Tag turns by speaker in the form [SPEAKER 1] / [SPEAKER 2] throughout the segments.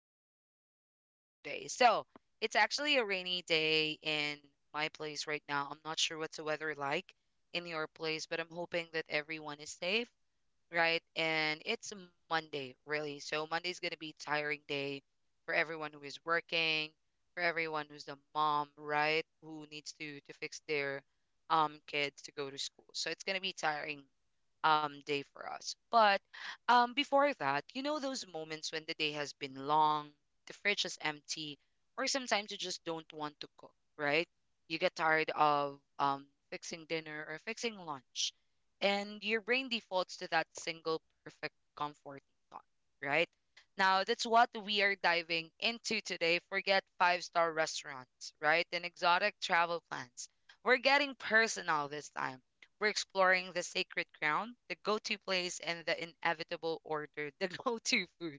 [SPEAKER 1] back to our podcast for today. It's actually a rainy day in my place right now. I'm not sure what's the weather like in your place, but I'm hoping that everyone is safe, right? And it's Monday, really. So, Monday's going to be a tiring day for everyone who is working, for everyone who's a mom, right? Who needs to fix their kids to go to school. So, it's going to be tiring day for us. But before that, you know those moments when the day has been long, the fridge is empty, or sometimes you just don't want to cook, right? You get tired of fixing dinner or fixing lunch, and your brain defaults to that single perfect comforting thought, right? Now, that's what we are diving into today. Forget five-star restaurants, right? And exotic travel plans. We're getting personal this time. We're exploring the sacred ground, the go to place, and the inevitable order, the go to food,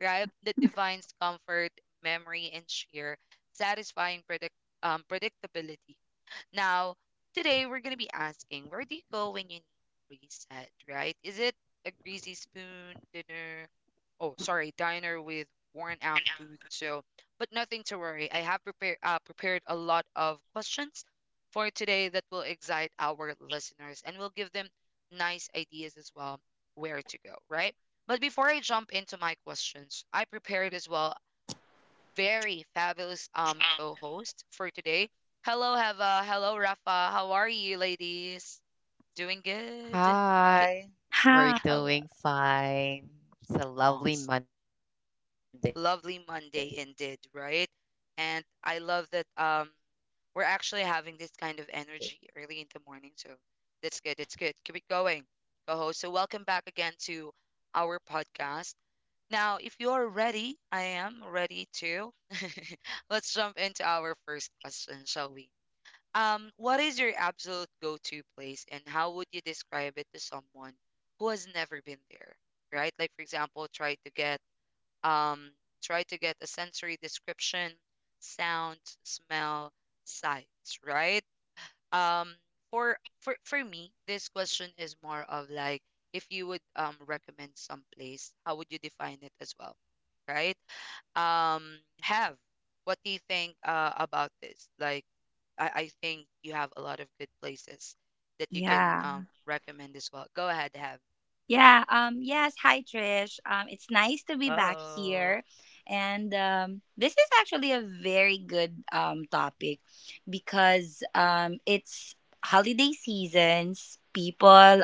[SPEAKER 1] right? That defines comfort, memory, and sheer satisfying predictability. Now, today we're going to be asking, where do you go when you need reset, right? Is it a greasy spoon dinner? Oh, sorry, diner with worn out boots. So, but nothing to worry. I have prepared a lot of questions for today that will excite our listeners and will give them nice ideas as well, where to go, right? But before I jump into my questions, I prepared as well very fabulous co-host for today. Hello, Heva. Hello, Rafa. How are you, ladies? Doing good. Okay.
[SPEAKER 2] Hi, we're
[SPEAKER 1] Hello.
[SPEAKER 2] doing fine. It's a lovely
[SPEAKER 1] Awesome.
[SPEAKER 2] Monday.
[SPEAKER 1] Lovely Monday indeed, right? And I love that we're actually having this kind of energy early in the morning, so that's good. It's good. Keep it going, co-host. So welcome back again to our podcast. Now, if you're ready, I am ready too. Let's jump into our first question, shall we? What is your absolute go-to place, and how would you describe it to someone who has never been there? Right? Like, for example, um try to get a sensory description, sounds, smell, sights, right? Um for me, this question is more of like, if you would recommend some place, how would you define it as well? Right? Um, have, what do you think about this? Like, I think you have a lot of good places that you can recommend as well. Go ahead, have. Oh. Mm-mm.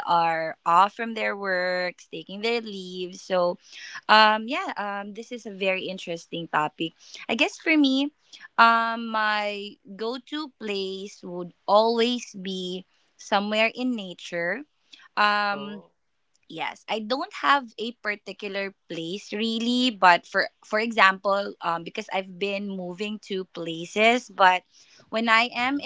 [SPEAKER 1] Oh. Mm-mm,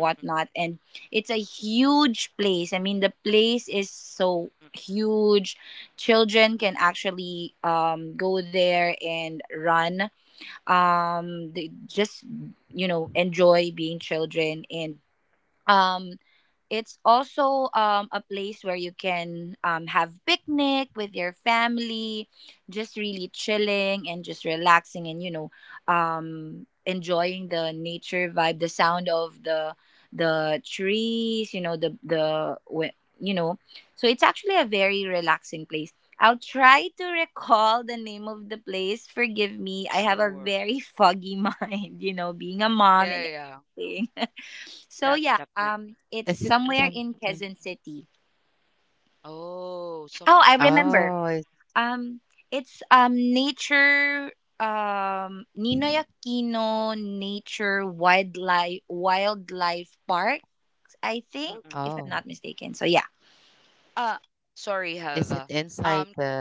[SPEAKER 1] mm-mm, mm-mm, mm-mm. Sure. Yeah, yeah, yeah. That definitely.
[SPEAKER 2] Is it something?
[SPEAKER 1] Oh, somewhere in Quezon
[SPEAKER 2] Oh,
[SPEAKER 1] City.
[SPEAKER 2] it,
[SPEAKER 1] Mm-mm.
[SPEAKER 2] oh,
[SPEAKER 1] Uh, sorry,
[SPEAKER 2] is it
[SPEAKER 1] have.
[SPEAKER 2] inside
[SPEAKER 1] Um,
[SPEAKER 2] the?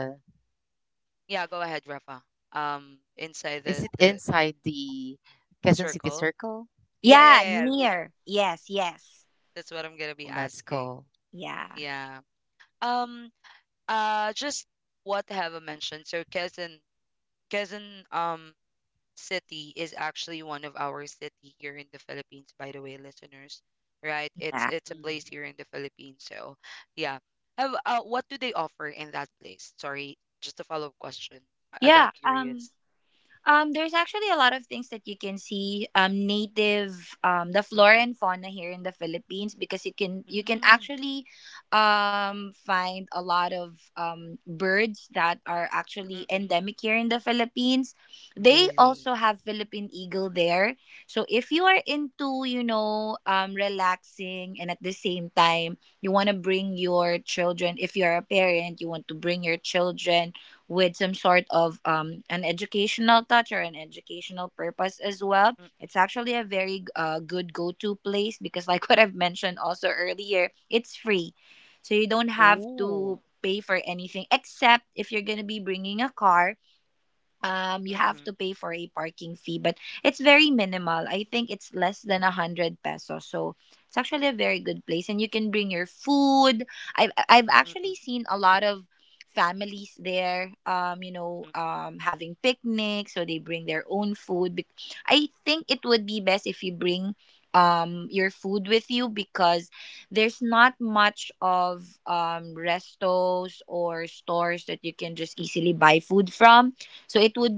[SPEAKER 1] yeah, go ahead, Rafa.
[SPEAKER 2] Is
[SPEAKER 1] Inside
[SPEAKER 2] it
[SPEAKER 1] the
[SPEAKER 2] inside the Quezon City
[SPEAKER 1] circle.
[SPEAKER 2] Circle?
[SPEAKER 1] Yeah, yeah, yeah, yeah. That's what I'm gonna
[SPEAKER 2] Oh,
[SPEAKER 1] be
[SPEAKER 2] that's cool.
[SPEAKER 1] asking. Yeah. Um. Just what have mentioned. So Quezon City is actually one of our city here in the Philippines, by the way, listeners. Right? It's a
[SPEAKER 2] Mm.
[SPEAKER 1] place here in the Philippines. So yeah. Have, what do they offer in that place? Sorry, just a follow-up question. I got curious. Mm-mm. Mm. Mm-mm. Really? Mm-mm. Mm-mm. Oh. Mm-mm. Mm-mm. Mm-mm.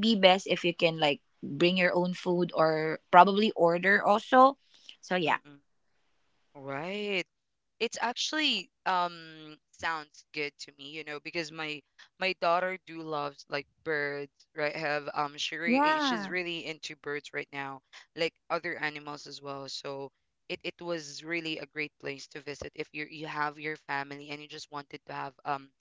[SPEAKER 1] Mm-mm. Right. It's actually sounds good to me, you know, because my daughter do loves like birds, right? Have, um, she's really into birds right now, like other animals as well. So it was really a great place to visit if you have your family and you just wanted to have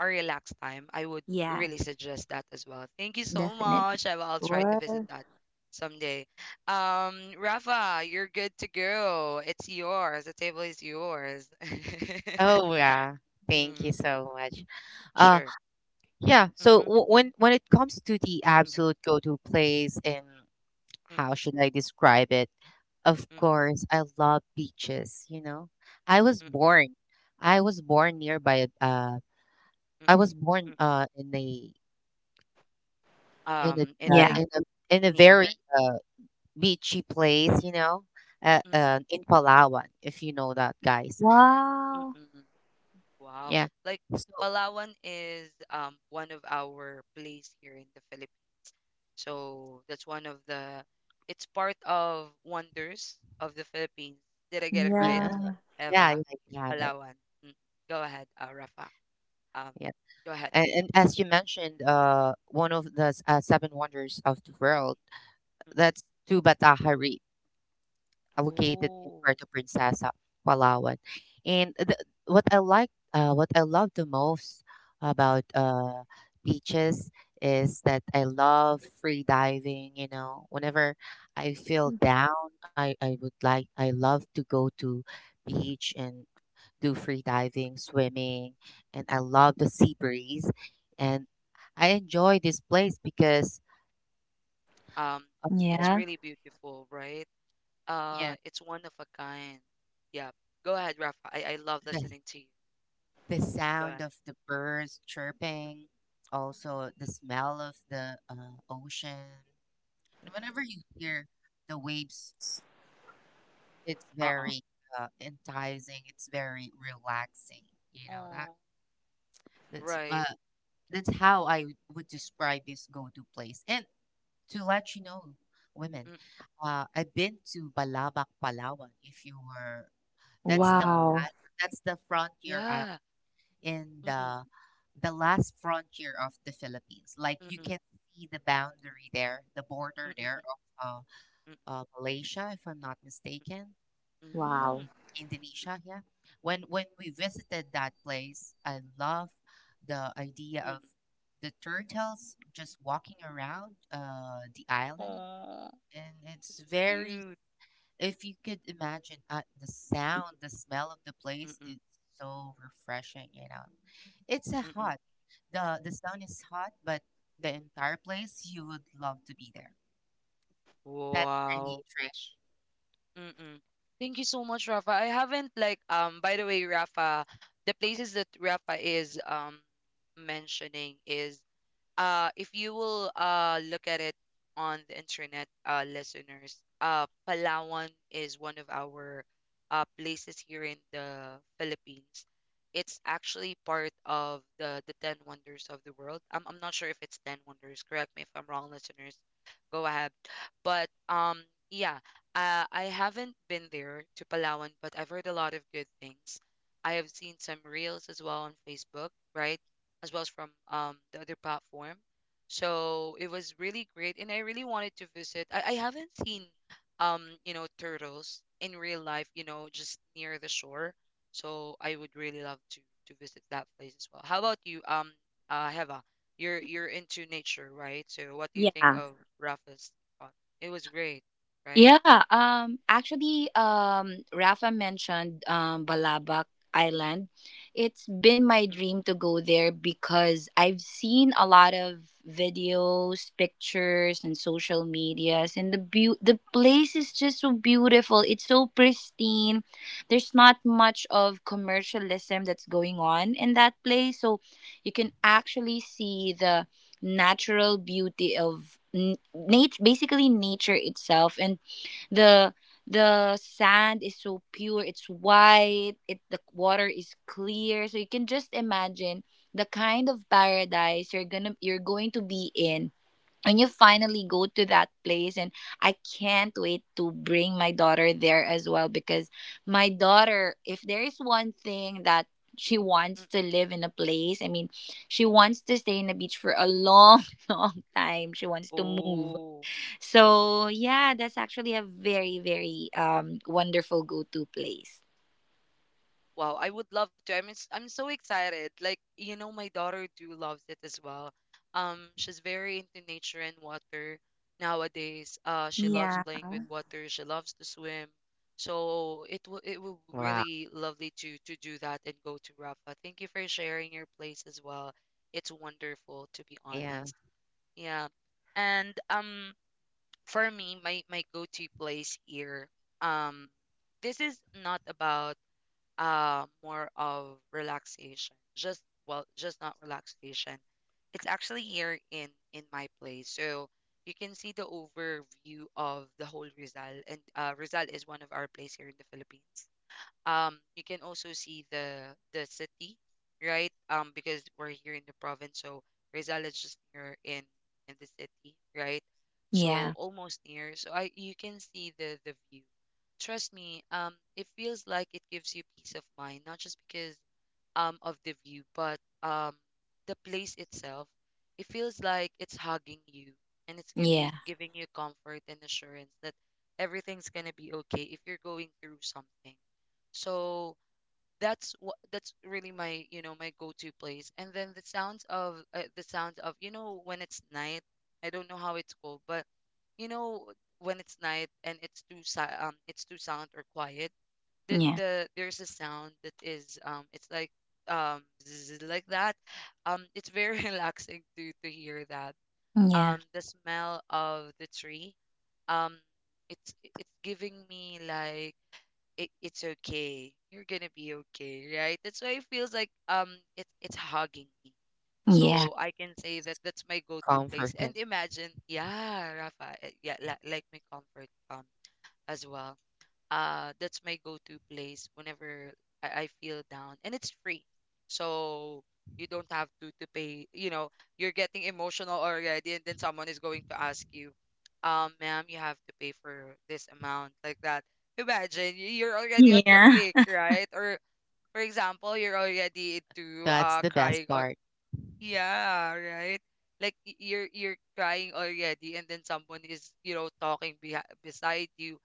[SPEAKER 1] a relaxed time. I would really suggest that as well. Thank you so much. I'll try to visit that someday. Rafa, you're good to go. It's yours. The table is yours.
[SPEAKER 2] Oh yeah, thank you
[SPEAKER 1] Mm,
[SPEAKER 2] so much. Uh,
[SPEAKER 1] sure.
[SPEAKER 2] yeah. So
[SPEAKER 1] Mm-hmm,
[SPEAKER 2] when it comes to the absolute
[SPEAKER 1] mm-hmm,
[SPEAKER 2] go-to place in
[SPEAKER 1] mm,
[SPEAKER 2] how should I describe it? Of
[SPEAKER 1] mm, mm,
[SPEAKER 2] course, I love beaches, you know. I was
[SPEAKER 1] mm,
[SPEAKER 2] born I was born nearby a-
[SPEAKER 1] mm,
[SPEAKER 2] I was
[SPEAKER 1] mm.
[SPEAKER 2] born in a in a
[SPEAKER 1] It
[SPEAKER 2] uh,
[SPEAKER 1] like
[SPEAKER 2] in a in a very
[SPEAKER 1] near.
[SPEAKER 2] uh beachy place, you know,
[SPEAKER 1] Mm-mm,
[SPEAKER 2] in Palawan, if you know that guys.
[SPEAKER 1] mm-mm. Wow.
[SPEAKER 2] Yeah.
[SPEAKER 1] Like,
[SPEAKER 2] So,
[SPEAKER 1] Palawan is one of our place here in the Philippines. So that's one of the. It's part of wonders of the Philippines. Did I get it right,
[SPEAKER 2] yeah. Yeah,
[SPEAKER 1] Eva?
[SPEAKER 2] yeah, you have it.
[SPEAKER 1] Palawan. Mm. Go ahead, Rafa. Um,
[SPEAKER 2] Yeah.
[SPEAKER 1] go ahead.
[SPEAKER 2] And as
[SPEAKER 1] Mhm,
[SPEAKER 2] you mentioned, one of the seven wonders of the world,
[SPEAKER 1] mhm.
[SPEAKER 2] that's Tuba Tahari located in
[SPEAKER 1] Oh,
[SPEAKER 2] Puerto Princesa, Palawan. And what I like, what I love the most
[SPEAKER 1] mm,
[SPEAKER 2] about beaches is that I love free diving. You know, whenever I feel down, I, I would like, I love to go to beach and do free diving, swimming, and I love the sea breeze. And I enjoy this place because,
[SPEAKER 1] um,
[SPEAKER 2] uh,
[SPEAKER 1] it's really beautiful, right?
[SPEAKER 2] yeah,
[SPEAKER 1] It's one of a kind. Yeah. Go ahead, Rafa. I love
[SPEAKER 2] the
[SPEAKER 1] listening to you.
[SPEAKER 2] the
[SPEAKER 1] Go
[SPEAKER 2] sound
[SPEAKER 1] ahead.
[SPEAKER 2] of the birds
[SPEAKER 1] Mm.
[SPEAKER 2] chirping, also the smell of the ocean. And whenever you hear the waves, it's
[SPEAKER 1] Uh-uh.
[SPEAKER 2] very enticing. It's very relaxing. You know
[SPEAKER 1] Oh,
[SPEAKER 2] that that's
[SPEAKER 1] right.
[SPEAKER 2] uh, that's how I would describe this go-to place. And to let you know, women,
[SPEAKER 1] Mm.
[SPEAKER 2] I've been to Balabac, Palawan. If you were, that's the last-
[SPEAKER 1] Wow.
[SPEAKER 2] that's the frontier
[SPEAKER 1] Yeah.
[SPEAKER 2] in
[SPEAKER 1] Mm-mm,
[SPEAKER 2] the last frontier of the Philippines. Like you
[SPEAKER 1] mm-mm,
[SPEAKER 2] can see the boundary there, the border
[SPEAKER 1] mm-mm,
[SPEAKER 2] there of
[SPEAKER 1] mm-mm,
[SPEAKER 2] Malaysia, if I'm not mistaken, or
[SPEAKER 1] mm-mm,
[SPEAKER 2] Indonesia. Yeah, when we visited that place, I love the idea
[SPEAKER 1] mm-mm.
[SPEAKER 2] of the turtles just walking around the island,
[SPEAKER 1] Oh,
[SPEAKER 2] and it's very
[SPEAKER 1] cute.
[SPEAKER 2] if you could imagine the sound, the smell of the place,
[SPEAKER 1] Mm-mm,
[SPEAKER 2] it's so refreshing, you know. It's a
[SPEAKER 1] mm-mm.
[SPEAKER 2] hot. The sound is hot, but the entire place you would love to be there. That's for
[SPEAKER 1] Wow.
[SPEAKER 2] me, Trish.
[SPEAKER 1] Mm-mm. Thank you so much, Rafa. I haven't like um, by the way, Rafa, the places that Rafa is mentioning is if you will look at it on the internet, listeners, Palawan is one of our places here in the Philippines. It's actually part of the 10 wonders of the world. I'm not sure if it's 10 wonders. Correct me if I'm wrong, listeners. Go ahead. But yeah, I haven't been there to Palawan, but I've heard a lot of good things. I have seen some reels as well on Facebook, right? As well as from the other platform. So it was really great, and I really wanted to visit. I haven't seen, you know, turtles in real life, you know, just near the shore. So I would really love to visit that place as well. How about you, Heva? You're into nature, right? So what do you think of Rafa's thought? It was great, right? Mm, mm, mm, mm, mm. Oh. Wow, I would love to. I'm so excited. Like, you know, my daughter do loves it as well. She's very into nature and water nowadays. She loves playing with water. She loves to swim. So
[SPEAKER 2] Wow.
[SPEAKER 1] it will be really lovely to do that and go to Rafa. Thank you for sharing your place as well. It's
[SPEAKER 2] Yeah.
[SPEAKER 1] wonderful, to be honest. Yeah. And for me, my go-to place here, um, this is not about more of relaxation. Just, well, just not relaxation. It's actually here in my place, so you can see the overview of the whole Rizal, and Rizal is one of our place here in the Philippines. Um, you can also see the city, right? Um, because we're here in the province, so Rizal is just near in the city, right? So almost near, so I you can see the view, trust me. Um, it feels like it gives you peace of mind, not just because of the view, but um, the place itself, it feels like it's hugging you, and it's give you giving you comfort and assurance that everything's gonna be okay if you're going through something. So that's really my, you know, my go-to place. And then the sounds of you know, when it's night, I don't know how it's called, but you know, when it's night and it's too silent or quiet. There's a sound that is um, it's like um, zzz, like that. It's very relaxing to hear that. The smell of the tree. Um, it's giving me like, it, it's okay. You're gonna be okay, right? That's why it feels like um, it's hugging me. So I can say that that's my go-to
[SPEAKER 2] Comforting.
[SPEAKER 1] place. And imagine, yeah, Rafa, eh, yeah, la, like my comfort um, as well. That's my go-to place whenever I feel down, and it's free, so you don't have to pay. You know, you're getting emotional already, and then someone is going to ask you, ma'am, you have to pay for this amount like that. Imagine you're already on the peak, right? Or for
[SPEAKER 2] That's the
[SPEAKER 1] example, you're
[SPEAKER 2] best part.
[SPEAKER 1] already into uh, crying or yeah, right? Like you're crying already, and then someone is, you know, talking beside you.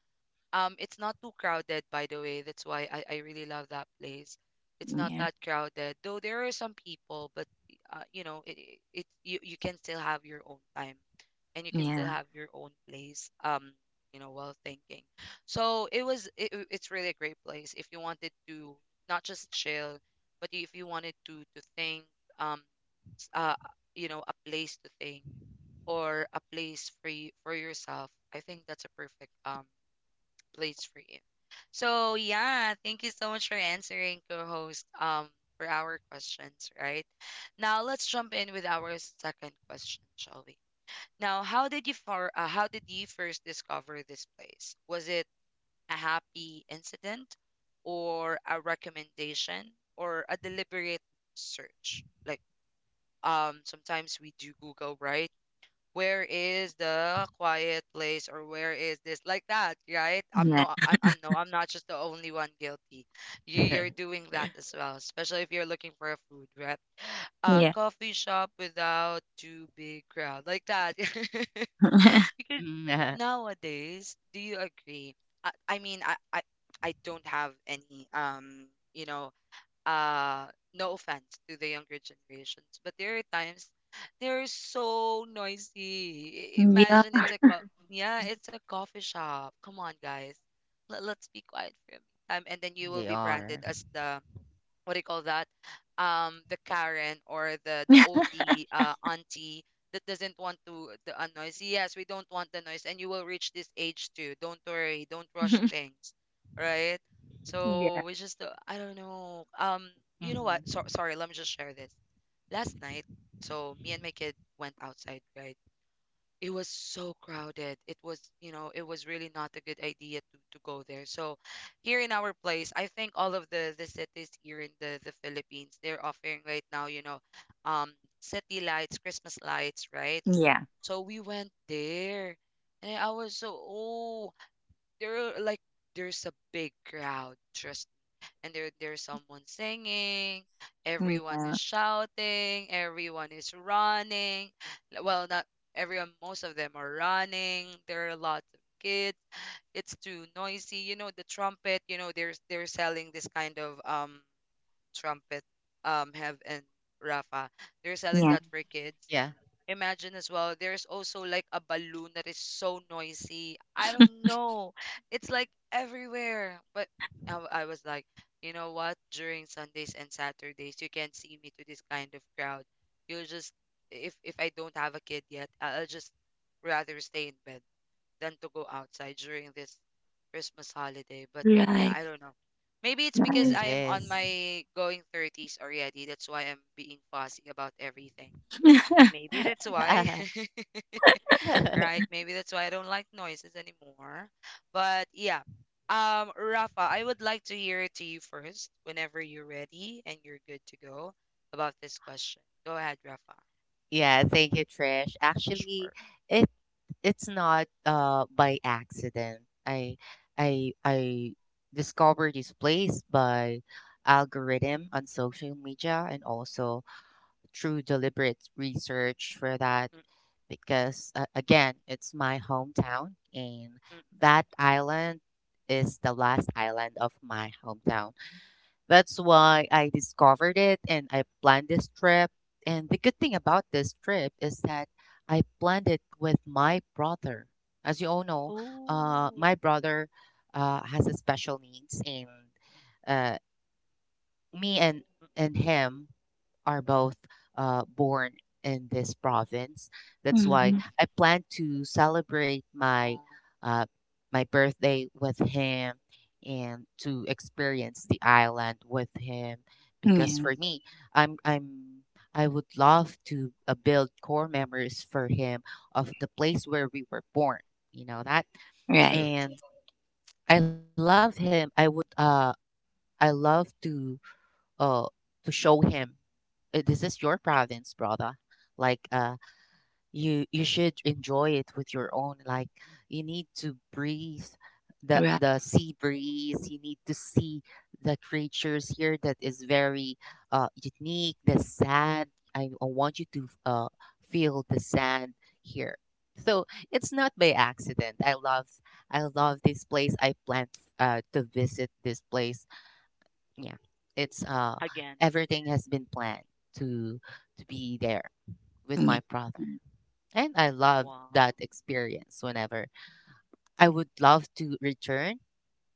[SPEAKER 1] Um, it's not too crowded, by the way. That's why I really love that place. It's not that crowded, though there are some people, but you know, it you can still have your own time, and you can still have your own place. You know, while thinking. So it was it, it- it's really a great place if you wanted to not just chill, but if you wanted to think, um, s- uh, you know, a place to think, or a place for you, for yourself. I think that's a perfect um, place for you. So yeah, thank you so much for answering, co-host, for our questions, right? Now let's jump in with our second question, shall we? Now, how did you first discover this place? Was it a happy incident, or a recommendation, or a deliberate search? Like, um, sometimes we do Google, right? Where is the quiet place or where is this like that, right? I'm no I- I'm no I'm not just the only one guilty. You're doing that as well, especially if you're looking for a food, right? A coffee shop without too big crowd like that. Because
[SPEAKER 2] Mm.
[SPEAKER 1] nowadays, do you agree? I mean, I, I don't have any you know uh no offense to the younger generations, but there are times they're so noisy. Imagine, it's a yeah, it's a coffee shop, come on guys. Let,
[SPEAKER 2] They
[SPEAKER 1] let's be
[SPEAKER 2] are.
[SPEAKER 1] quiet for a minute. Time, and then you will be branded as the what do you call that, the Karen or the OD auntie that doesn't want to the noise. Yes, we don't want the noise, and you will reach this age too. Don't worry, don't rush things, right? So we just
[SPEAKER 2] Hmm.
[SPEAKER 1] I don't know. You know what? So sorry, let me just share this. Last night, so me and my kid went outside, right? It was so crowded. It was, you know, it was really not a good idea to go there. So here in our place, I think all of the cities here in the Philippines, they're offering right now, you know, um, city lights, Christmas lights, right? So we went there, and I was so, oh, there are like, there's a big crowd, trust. And there's someone singing, everyone is shouting, everyone is running. Well, not everyone, most of them are running. There are lots of kids, it's too noisy. You know, the trumpet, you know, there's they're selling this kind of trumpet, have, and Rafa, they're selling that for kids.
[SPEAKER 2] Yeah,
[SPEAKER 1] Imagine as well, there's also like a balloon that is so noisy, I don't know. It's like everywhere. But I was like, you know what, during Sundays and Saturdays you can't see me to this kind of crowd. You'll just, if I don't have a kid yet, I'll just rather stay in bed than to go outside during this Christmas holiday. But yeah, I don't know. Maybe it's because
[SPEAKER 2] it
[SPEAKER 1] I am on
[SPEAKER 2] is.
[SPEAKER 1] my going 30s already, that's why I'm being fussy about everything. Maybe that's why. Right? Maybe that's why I don't like noises anymore. But yeah. Rafa, I would like to hear it to you first whenever you're ready and you're good to go about this question. Go ahead, Rafa.
[SPEAKER 2] Yeah, thank you, Trish. Actually,
[SPEAKER 1] Sure.
[SPEAKER 2] it it's not by accident. I I discovered this place by algorithm on social media and also through deliberate research for that because again it's my hometown and
[SPEAKER 1] Mm-mm.
[SPEAKER 2] that island is the last island of my hometown that's why I discovered it and I planned this trip. And the good thing about this trip is that I planned it with my brother. As you all know,
[SPEAKER 1] Oh.
[SPEAKER 2] my brother has a special needs, and uh, me and him are both born in this province. That's why
[SPEAKER 1] Mm-mm.
[SPEAKER 2] I plan to celebrate my uh, my birthday with him and to experience the island with him. Because for me, I'm I would love to build core memories for him of the place where we were born. You know that,
[SPEAKER 1] True, true.
[SPEAKER 2] and I love him. I love uh to show him this is your province, brother. Like uh you you should enjoy it with your own like you need to breathe the sea breeze. You need to see the creatures here that is very unique, the sand. I want you to feel the sand here. So it's not by accident. I love this place. I plan to visit this place yeah it's
[SPEAKER 1] Again.
[SPEAKER 2] everything has been planned to to be there with my brother and I love
[SPEAKER 1] Wow.
[SPEAKER 2] that experience whenever I would love to return.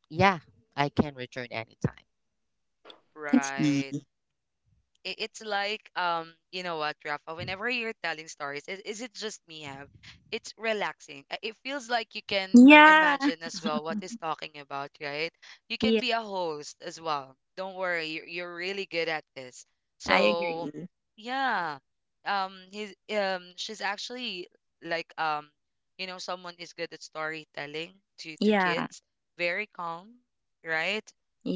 [SPEAKER 2] Yeah, I can return anytime.
[SPEAKER 1] Right. It's like, you know what, Rafa, whenever you're telling stories, is it just me have, it's relaxing. It feels like you can, imagine as well what he's talking about, right? You can be a host as well, don't worry. You're really good at this, so yeah. He's she's actually like, you know, someone is good at storytelling to kids. Very calm, right?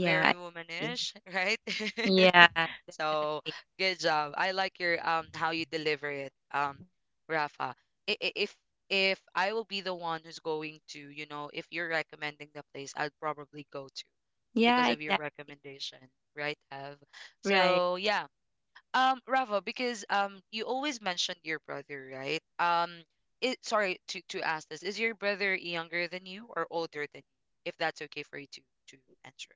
[SPEAKER 1] Very womanish. Right?
[SPEAKER 2] Thank you.
[SPEAKER 1] So good job. I like your how you deliver it, Rafa. I- i- If if I will be the one who's going to, you know, if you're recommending the place, I'd probably go to, because of your recommendation, right, Ev? So yeah. Rafa, because you always mentioned your brother, right? It, sorry to ask this. Is your brother younger than you or older than you? If that's okay for you to to answer.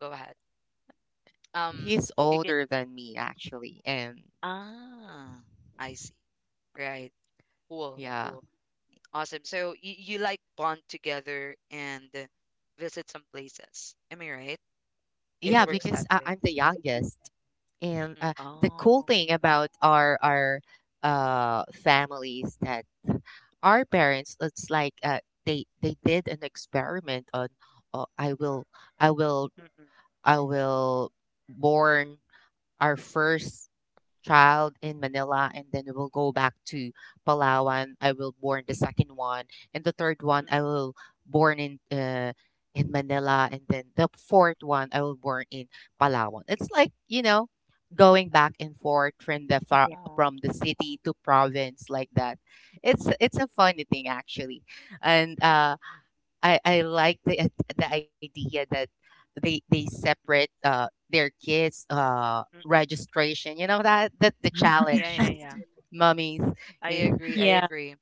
[SPEAKER 1] Go ahead.
[SPEAKER 2] He's older than
[SPEAKER 1] Um
[SPEAKER 2] me
[SPEAKER 1] you can,
[SPEAKER 2] actually, and
[SPEAKER 1] ah, I see. Right.
[SPEAKER 2] yeah,
[SPEAKER 1] Cool, cool. Awesome. So you like bond together and visit some places. Am I right?
[SPEAKER 2] yeah.
[SPEAKER 1] It
[SPEAKER 2] Because
[SPEAKER 1] works that
[SPEAKER 2] I'm the
[SPEAKER 1] way.
[SPEAKER 2] youngest. And
[SPEAKER 1] Mm-mm.
[SPEAKER 2] the cool
[SPEAKER 1] Oh.
[SPEAKER 2] thing about our families that our parents, it's like they did an experiment on. Oh, I will,
[SPEAKER 1] Mm-mm.
[SPEAKER 2] I will born our first child in Manila, and then we will go back to Palawan. I will born the second one, and the third
[SPEAKER 1] Mm-mm.
[SPEAKER 2] one I will born in Manila, and then the fourth one I will born in Palawan. It's like you know, going back and forth from the far,
[SPEAKER 1] Oh.
[SPEAKER 2] from the city to province like that. It's a funny thing actually, and
[SPEAKER 1] Mm-mm.
[SPEAKER 2] I like the idea that they
[SPEAKER 1] Mm-mm.
[SPEAKER 2] separate their kids
[SPEAKER 1] Mm-mm.
[SPEAKER 2] registration. You know that that the
[SPEAKER 1] Yeah,
[SPEAKER 2] challenge,
[SPEAKER 1] yeah, yeah.
[SPEAKER 2] mummies.
[SPEAKER 1] I
[SPEAKER 2] Yeah.
[SPEAKER 1] agree. I agree.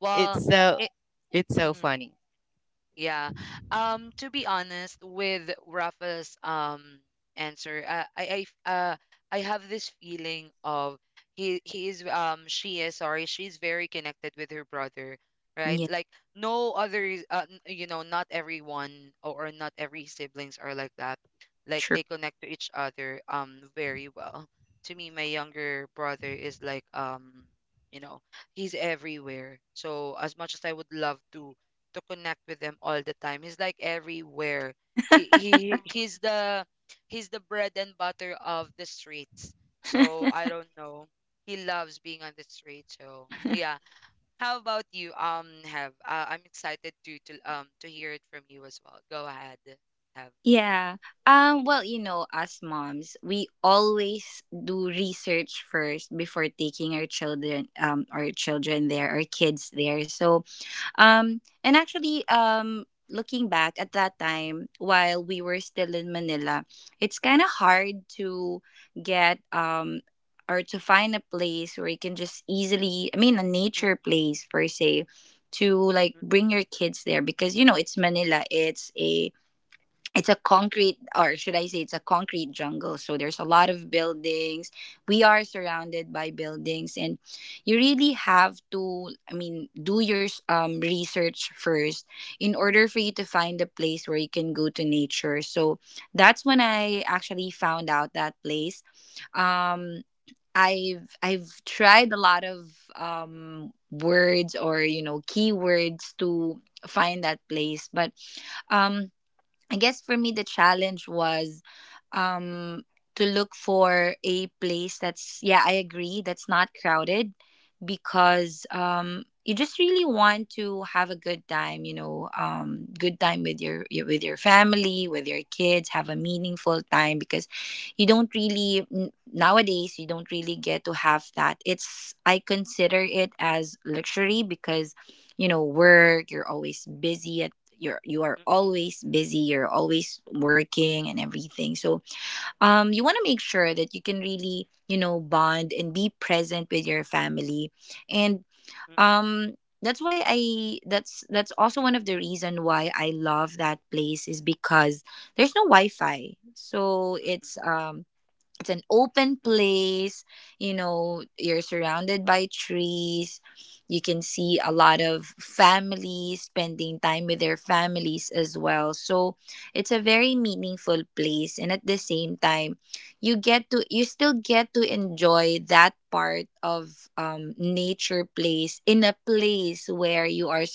[SPEAKER 1] Well,
[SPEAKER 2] It's so
[SPEAKER 1] it.
[SPEAKER 2] it's so
[SPEAKER 1] Mm-mm.
[SPEAKER 2] funny.
[SPEAKER 1] Yeah. To be honest, with Rafa's answer, uh I have this feeling of he is she is, sorry, she's very connected with her brother, right? Like no other you know, not everyone, or not every siblings are like that. Like they connect to each other very well. To me, my younger brother is like, you know, he's everywhere. So as much as I would love to connect with them all the time. He's like everywhere. He's the he's the bread and butter of the streets. So I don't know. He loves being on the street. So yeah. How about you? Have I'm excited to hear it from you as well. Go ahead. Have. Mm, mm, mm, mm, mm, mm,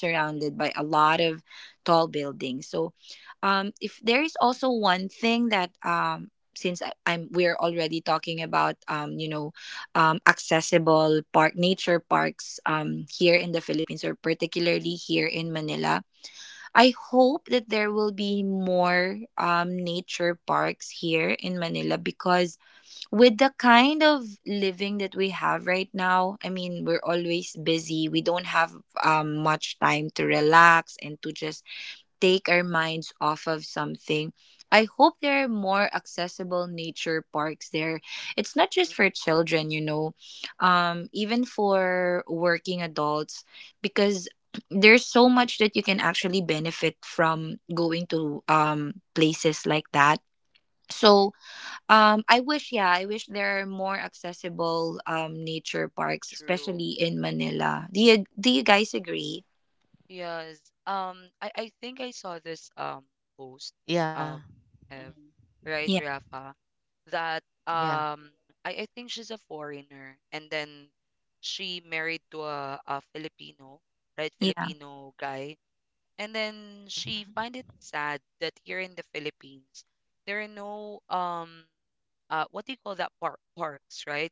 [SPEAKER 1] mm, mm, mm, mm. True. Yes. Um, I think I saw this post.
[SPEAKER 2] Yeah,
[SPEAKER 1] Um,
[SPEAKER 2] mhm.
[SPEAKER 1] have, right, Rafa, that
[SPEAKER 2] Yeah,
[SPEAKER 1] I think she's a foreigner, and then she married to a Filipino, right? Filipino guy. And then
[SPEAKER 2] mhm.
[SPEAKER 1] she find it sad that here in the Philippines there are no what do you call that, park, parks, right?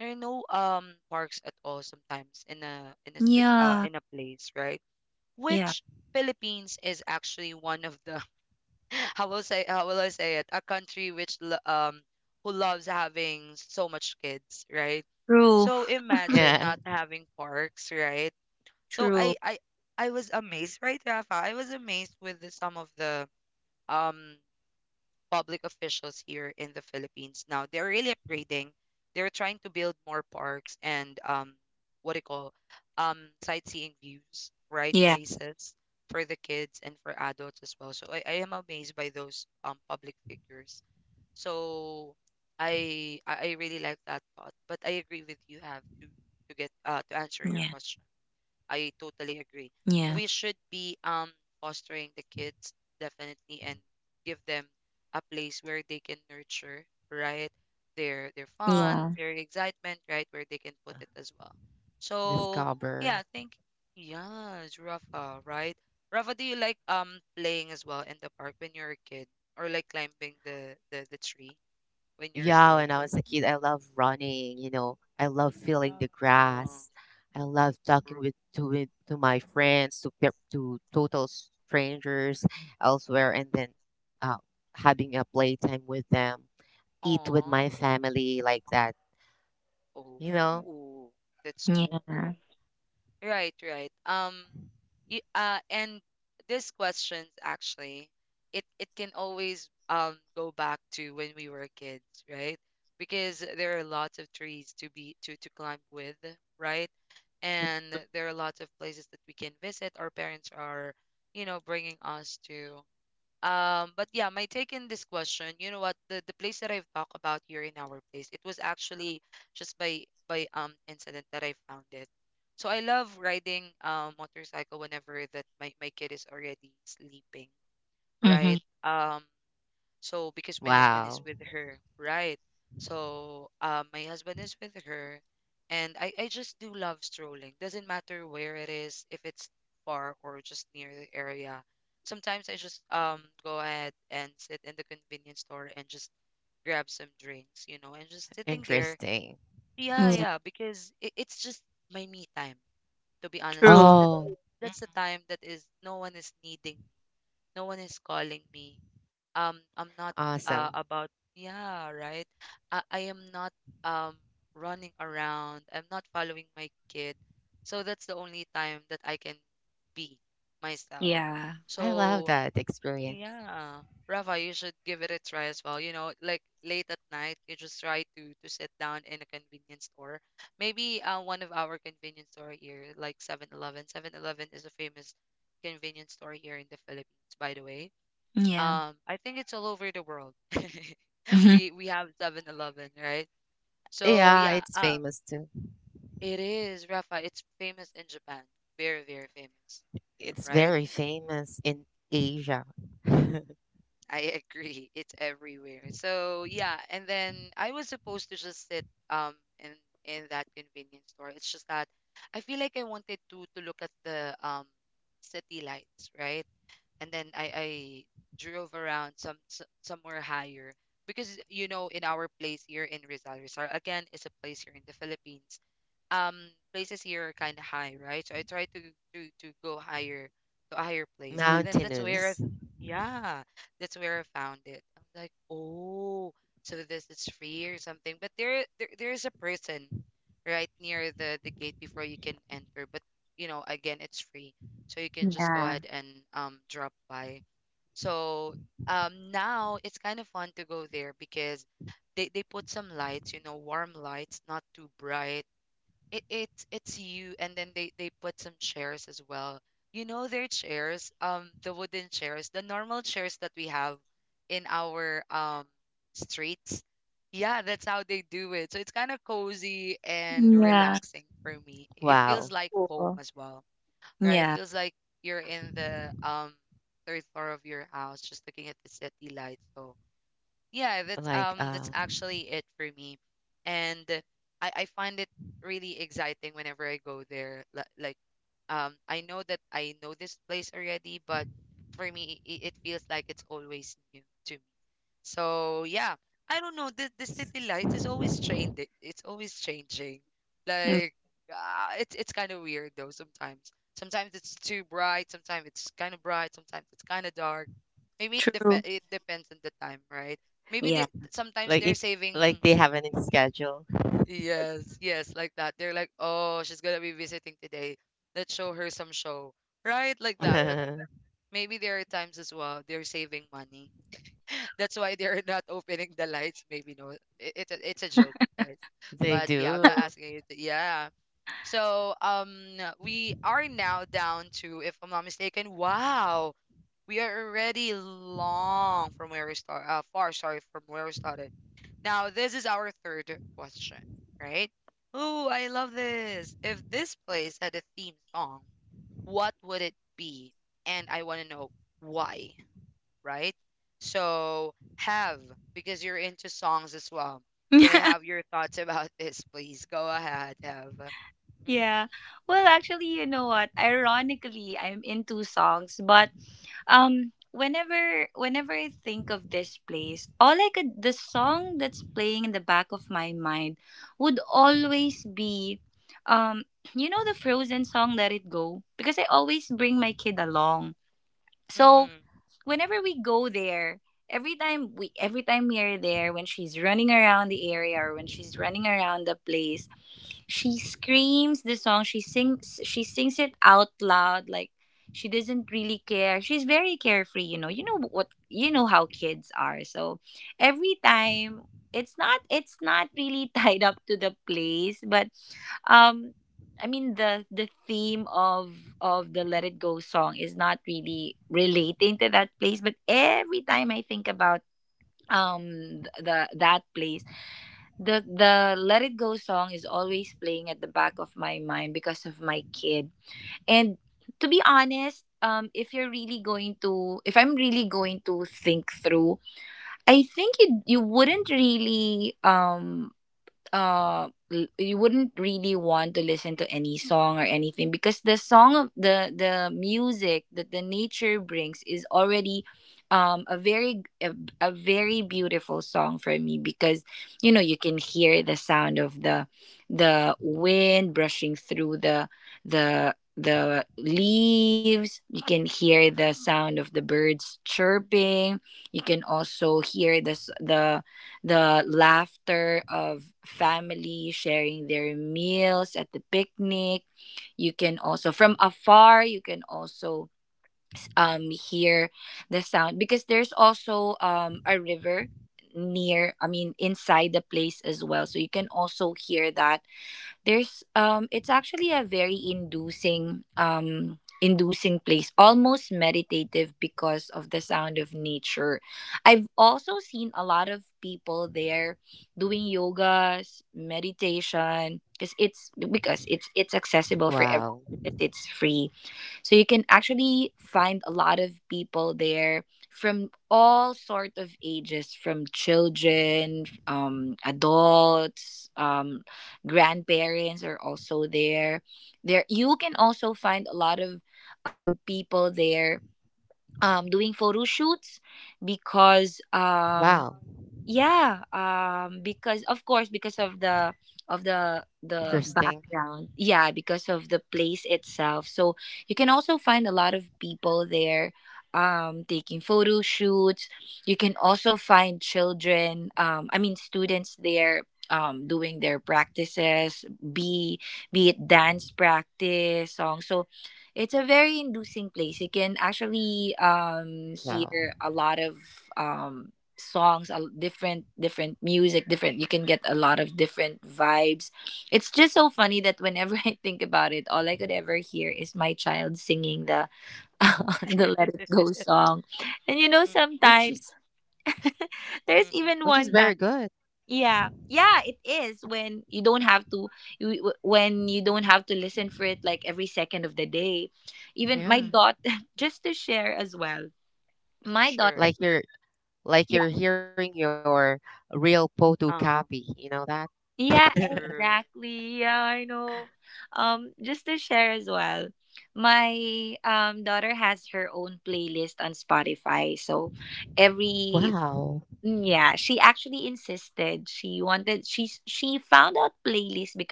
[SPEAKER 1] There are no parks at all sometimes in a in a in a place, right? Which Philippines is actually one of the how will say, how will I say it? A country which who loves having so much kids, right? So imagine
[SPEAKER 2] Yeah.
[SPEAKER 1] not having parks, right? So I was amazed, right, Rafa? I was amazed with the, some of the um public officials here in the Philippines now. They're really upgrading. They're trying to build more parks and what do you call, sightseeing views, right, places for the kids and for adults as well. So I am amazed by those public figures. So I really like that thought. But I agree with you have to get to answer your question. I totally agree. We should be fostering the kids definitely, and give them a place where they can nurture, right? Their fun, their excitement, right? Where they can put it as well. So yeah,
[SPEAKER 2] Discover.
[SPEAKER 1] thank, yes, Rafa, right? Rafa, do you like playing as well in the park when you're a kid? Or like climbing the the tree when you're a
[SPEAKER 2] Yeah,
[SPEAKER 1] kid?
[SPEAKER 2] when I was a kid, I love running, you know. I love feeling
[SPEAKER 1] Yeah.
[SPEAKER 2] the
[SPEAKER 1] Oh,
[SPEAKER 2] grass. I love talking
[SPEAKER 1] true, true.
[SPEAKER 2] to my friends, to to total strangers elsewhere, and then having a playtime with them, eat with my
[SPEAKER 1] Aw.
[SPEAKER 2] family like that, you know.
[SPEAKER 1] Oh, that's cool. Right, right. Um, and these questions actually, it can always go back to when we were kids, right? Because there are lots of trees to be to climb with, right? And there are lots of places that we can visit. Our parents are, you know, bringing us to. But yeah, my take in this question, you know what, the place that I've talked about here in our place, it was actually just by incident that I found it. So I love riding motorcycle whenever that my kid is already sleeping, right? Um, so because my husband is
[SPEAKER 2] Wow,
[SPEAKER 1] with her, right? So my husband is with her, and I just do love strolling. Doesn't matter where it is, if it's far or just near the area. Sometimes I just go ahead and sit in the convenience store and just grab some drinks, you know, and just sitting there.
[SPEAKER 2] interesting.
[SPEAKER 1] Yeah, yeah, because it's just my me time. To be honest,
[SPEAKER 2] Oh, mhm.
[SPEAKER 1] that's the time that is no one is needing, no one is calling me, I'm not
[SPEAKER 2] Awesome!
[SPEAKER 1] about, yeah, right, I am not um running around, I'm not following my kid, so that's the only time that I can be myself.
[SPEAKER 2] I love
[SPEAKER 1] So
[SPEAKER 2] that experience.
[SPEAKER 1] yeah, Rafa, you should give it a try as well, you know, like late at night, you just try to sit down in a convenience store. Maybe one of our convenience store here like 7-Eleven. 7-Eleven is a famous convenience store here in the Philippines, by the way. I think it's all over the world. We have 7-Eleven, right? So
[SPEAKER 2] Yeah,
[SPEAKER 1] yeah,
[SPEAKER 2] it's famous too.
[SPEAKER 1] it is, Rafa. It's famous in Japan, very very famous,
[SPEAKER 2] It's
[SPEAKER 1] right?
[SPEAKER 2] very famous in Asia.
[SPEAKER 1] I agree. It's everywhere. So yeah, and then I was supposed to just sit in that convenience store. It's just that I feel like I wanted to look at the city lights, right? And then I drove around some somewhere higher, because you know in our place here in Rizal, Rizal again is a place here in the Philippines, um places here are kind of high, right? So I try to go higher to a higher place, and then that's where I,
[SPEAKER 2] Mountainous.
[SPEAKER 1] yeah, that's where I found it. I was like, oh, so this is free or something. But there there is a person right near the gate before you can enter. But you know, again, it's free, so you can just go ahead and drop by. So now it's kind of fun to go there because they put some lights, you know, warm lights, not too bright. It's you, and then they put some chairs as well. You know, their chairs, the wooden chairs, the normal chairs that we have in our streets. Yeah, that's how they do it, so it's kind of cozy and relaxing for me. It feels
[SPEAKER 2] Wow.
[SPEAKER 1] like home as well, right? It feels like you're in the third floor of your house, just looking at the city lights. So yeah,
[SPEAKER 2] Like uh
[SPEAKER 1] that's actually it for me. And I find it really exciting whenever I go there, like, I know that I know this place already, but for me it feels like it's always new to me. So yeah, I don't know. The
[SPEAKER 2] s-
[SPEAKER 1] city light is always trained. It's always changing. Like it's kind of weird though sometimes. Sometimes it's too bright. Sometimes it's kind of bright. Sometimes it's kind of dark. Maybe it it depends on the time, right? Maybe they
[SPEAKER 2] like it
[SPEAKER 1] sometimes they're
[SPEAKER 2] like they have an
[SPEAKER 1] saving.
[SPEAKER 2] schedule.
[SPEAKER 1] Yes, yes, like that. They're like, oh, she's gonna be visiting today. Let's show her some show, right? Like that. But maybe there are times as well they're saving money. That's why they're not opening the lights. Maybe no, it's a joke, guys.
[SPEAKER 2] They
[SPEAKER 1] But yeah, I'm not
[SPEAKER 2] do.
[SPEAKER 1] asking you. To, yeah. So we are now down to, if I'm not mistaken, wow, we are already long from where we start. Far, sorry, from where we started. Now this is our third question, right? Oh, I love this. If this place had a theme song, what would it be? And I want to know why, right? So have, because you're into songs as well, can I have your thoughts about this, please? Go ahead, have. Mm-hmm. Mm-mm.
[SPEAKER 2] Wow. Wow. Interesting. Wow.
[SPEAKER 1] Mm,
[SPEAKER 2] Which is
[SPEAKER 1] mm, mm,
[SPEAKER 2] which is very good.
[SPEAKER 1] mm.
[SPEAKER 2] Yeah.
[SPEAKER 1] Sure.
[SPEAKER 2] Like your like you're hearing your real photocopy.
[SPEAKER 1] Uh-huh.
[SPEAKER 2] You know that?
[SPEAKER 1] True.
[SPEAKER 2] Wow.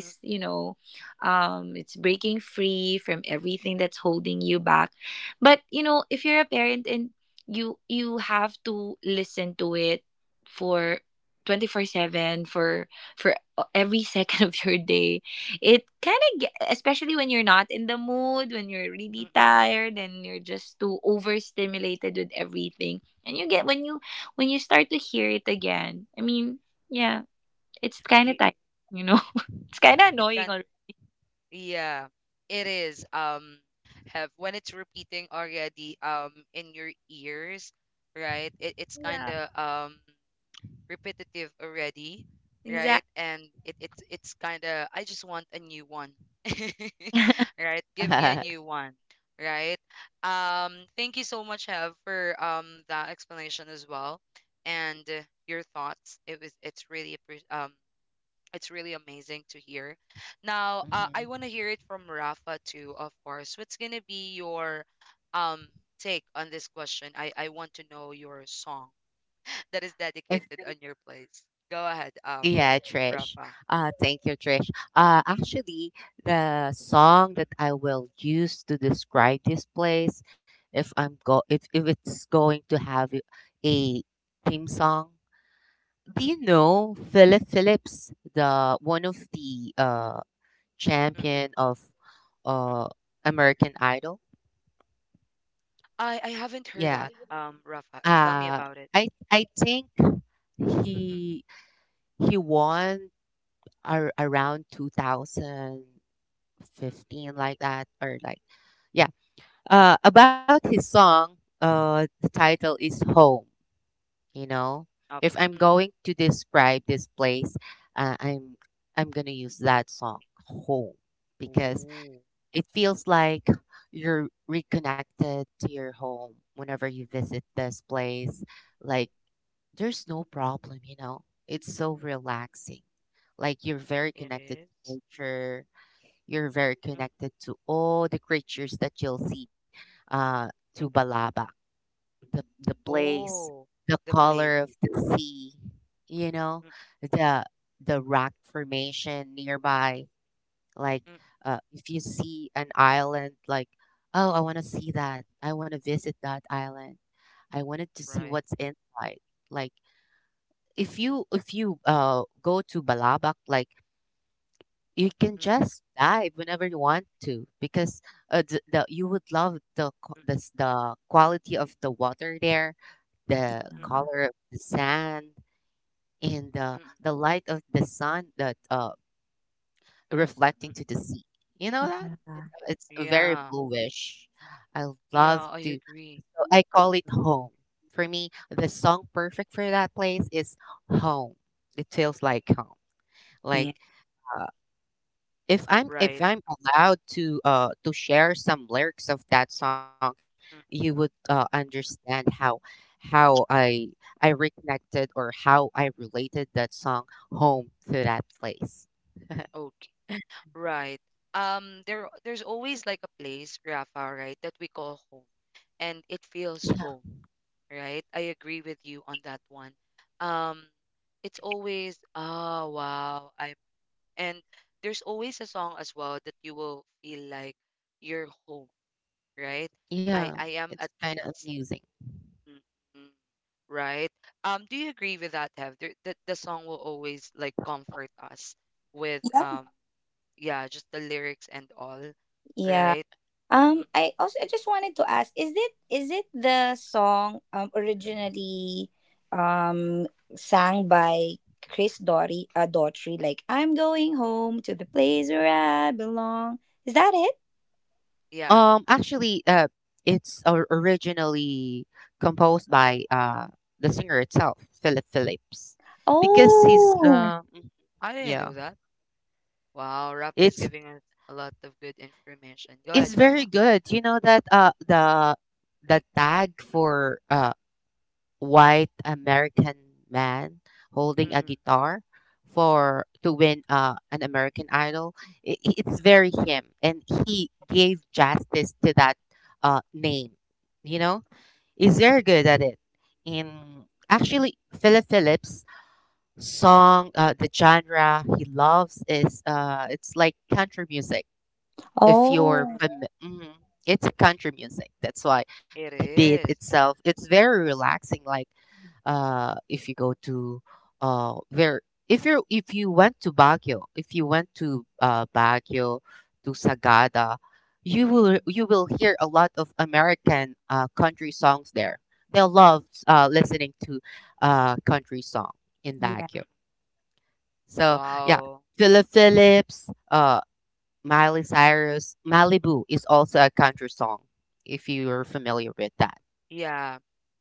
[SPEAKER 1] Mm, mm. You, it's kind, yeah, it is. Have, when it's repeating already in your ears, right? It's kind of repetitive already, right? And it's kind of, I just want a new one. Right? Give me a new one, right? Thank you so much, Have, for that explanation as well, and your thoughts. It was, it's it's really amazing to hear. Now, I want
[SPEAKER 2] Mhm.
[SPEAKER 1] to hear it from Rafa too, of course. What's gonna be your um take on this question? I want to know your song that is
[SPEAKER 2] If
[SPEAKER 1] dedicated
[SPEAKER 2] there
[SPEAKER 1] on
[SPEAKER 2] is-
[SPEAKER 1] your place. Go ahead,
[SPEAKER 2] Yeah, Trish.
[SPEAKER 1] Rafa.
[SPEAKER 2] Thank you, Trish. Actually, the song
[SPEAKER 1] Mm,
[SPEAKER 2] that I will use to describe this place, if I'm go, if it's going to have a a theme song, do
[SPEAKER 1] mm,
[SPEAKER 2] you know Philip Phillips, the one of the
[SPEAKER 1] mm, mm, mm,
[SPEAKER 2] champion of
[SPEAKER 1] mm.
[SPEAKER 2] uh American Idol?
[SPEAKER 1] I haven't heard
[SPEAKER 2] Yeah.
[SPEAKER 1] that, Rafa. Tell me
[SPEAKER 2] Uh,
[SPEAKER 1] about it.
[SPEAKER 2] I think
[SPEAKER 1] Mm,
[SPEAKER 2] he he
[SPEAKER 1] mm, mm,
[SPEAKER 2] won around 2015
[SPEAKER 1] mm, mm.
[SPEAKER 2] like that or like yeah. About his song, the title is Home, you know.
[SPEAKER 1] Up.
[SPEAKER 2] If I'm
[SPEAKER 1] Mm.
[SPEAKER 2] going to describe this place, uh, I'm I'm going to use that song Home because
[SPEAKER 1] Oh,
[SPEAKER 2] it feels like you're reconnected to your home whenever you visit this place like there's no problem, you know. It's so relaxing. Like you're very
[SPEAKER 1] it
[SPEAKER 2] connected to
[SPEAKER 1] is.
[SPEAKER 2] nature. You're very
[SPEAKER 1] Mm, mm,
[SPEAKER 2] connected to all the creatures that you'll see uh to
[SPEAKER 1] mm.
[SPEAKER 2] Balaba. The place,
[SPEAKER 1] Oh,
[SPEAKER 2] the
[SPEAKER 1] the place.
[SPEAKER 2] color of the sea, you know,
[SPEAKER 1] Mm,
[SPEAKER 2] the the rock formation nearby. Like
[SPEAKER 1] mm, mm.
[SPEAKER 2] if you see an island like oh I wanna see that. I wanna visit that island. I wanted to see
[SPEAKER 1] Right.
[SPEAKER 2] what's inside. Like if you go to Balabac, like you can
[SPEAKER 1] Mm,
[SPEAKER 2] just dive whenever you want to because the you would love
[SPEAKER 1] mm,
[SPEAKER 2] the quality of the water there, the
[SPEAKER 1] mm,
[SPEAKER 2] color of the sand, and
[SPEAKER 1] mm, mm,
[SPEAKER 2] the light of the sun that
[SPEAKER 1] mm.
[SPEAKER 2] reflecting to the sea. You know that it's very
[SPEAKER 1] Yeah,
[SPEAKER 2] bluish. I
[SPEAKER 1] yeah,
[SPEAKER 2] love
[SPEAKER 1] I
[SPEAKER 2] to.
[SPEAKER 1] agree.
[SPEAKER 2] So I call it
[SPEAKER 1] Mm,
[SPEAKER 2] home. For me, the song perfect for that place is home. It feels like home.
[SPEAKER 1] mm.
[SPEAKER 2] Like, uh, if
[SPEAKER 1] Right.
[SPEAKER 2] I'm allowed to share some lyrics of that song, you
[SPEAKER 1] Mm,
[SPEAKER 2] would understand how I reconnected or how I related that song home to that place.
[SPEAKER 1] mm. Right. There there's always like a place, Rafa, right, that we call home. And it feels
[SPEAKER 2] Yeah,
[SPEAKER 1] home, right? I agree with you on that one. Um, it's always, oh wow, I'm and there's always a song as well that you will feel like you're home, right? I
[SPEAKER 2] yeah,
[SPEAKER 1] I am
[SPEAKER 2] it's
[SPEAKER 1] at
[SPEAKER 2] kind of
[SPEAKER 1] peace.
[SPEAKER 2] amusing.
[SPEAKER 1] Mm-mm, right? Do you agree with that, Hev? There, the song will always like comfort us with yeah, just the lyrics and all, right? Mm. Yeah.
[SPEAKER 2] Actually, it's originally composed by the singer itself, Philip Phillips, because
[SPEAKER 1] Oh,
[SPEAKER 2] he's
[SPEAKER 1] I didn't
[SPEAKER 2] yeah,
[SPEAKER 1] know that. Wow, Rafa is
[SPEAKER 2] it's
[SPEAKER 1] giving us a lot of good information. Go ahead,
[SPEAKER 2] It's
[SPEAKER 1] Rafa.
[SPEAKER 2] very good. You know that the tag for white American man holding a
[SPEAKER 1] Mm-mm,
[SPEAKER 2] guitar for to win an American Idol. It's very him, and he gave justice to that name. You know, he's very good at it. And actually, Philip Phillips' song, the genre he loves
[SPEAKER 1] mm-mm,
[SPEAKER 2] is it's like country music if you're
[SPEAKER 1] mm-mm.
[SPEAKER 2] mhm. It's a country music that's why
[SPEAKER 1] It
[SPEAKER 2] the beat
[SPEAKER 1] is.
[SPEAKER 2] itself it's very relaxing like if you go to where if you went to Baguio, if you went to Baguio to Sagada,
[SPEAKER 1] Mm-mm,
[SPEAKER 2] you will hear a lot of
[SPEAKER 1] mm-mm,
[SPEAKER 2] American country songs there. They love listening to country song in
[SPEAKER 1] mm-mm.
[SPEAKER 2] Baguio, so yeah.
[SPEAKER 1] Wow.
[SPEAKER 2] Philip Phillips, Miley Cyrus, Malibu is also a country song, if you're familiar with that.
[SPEAKER 1] Yeah.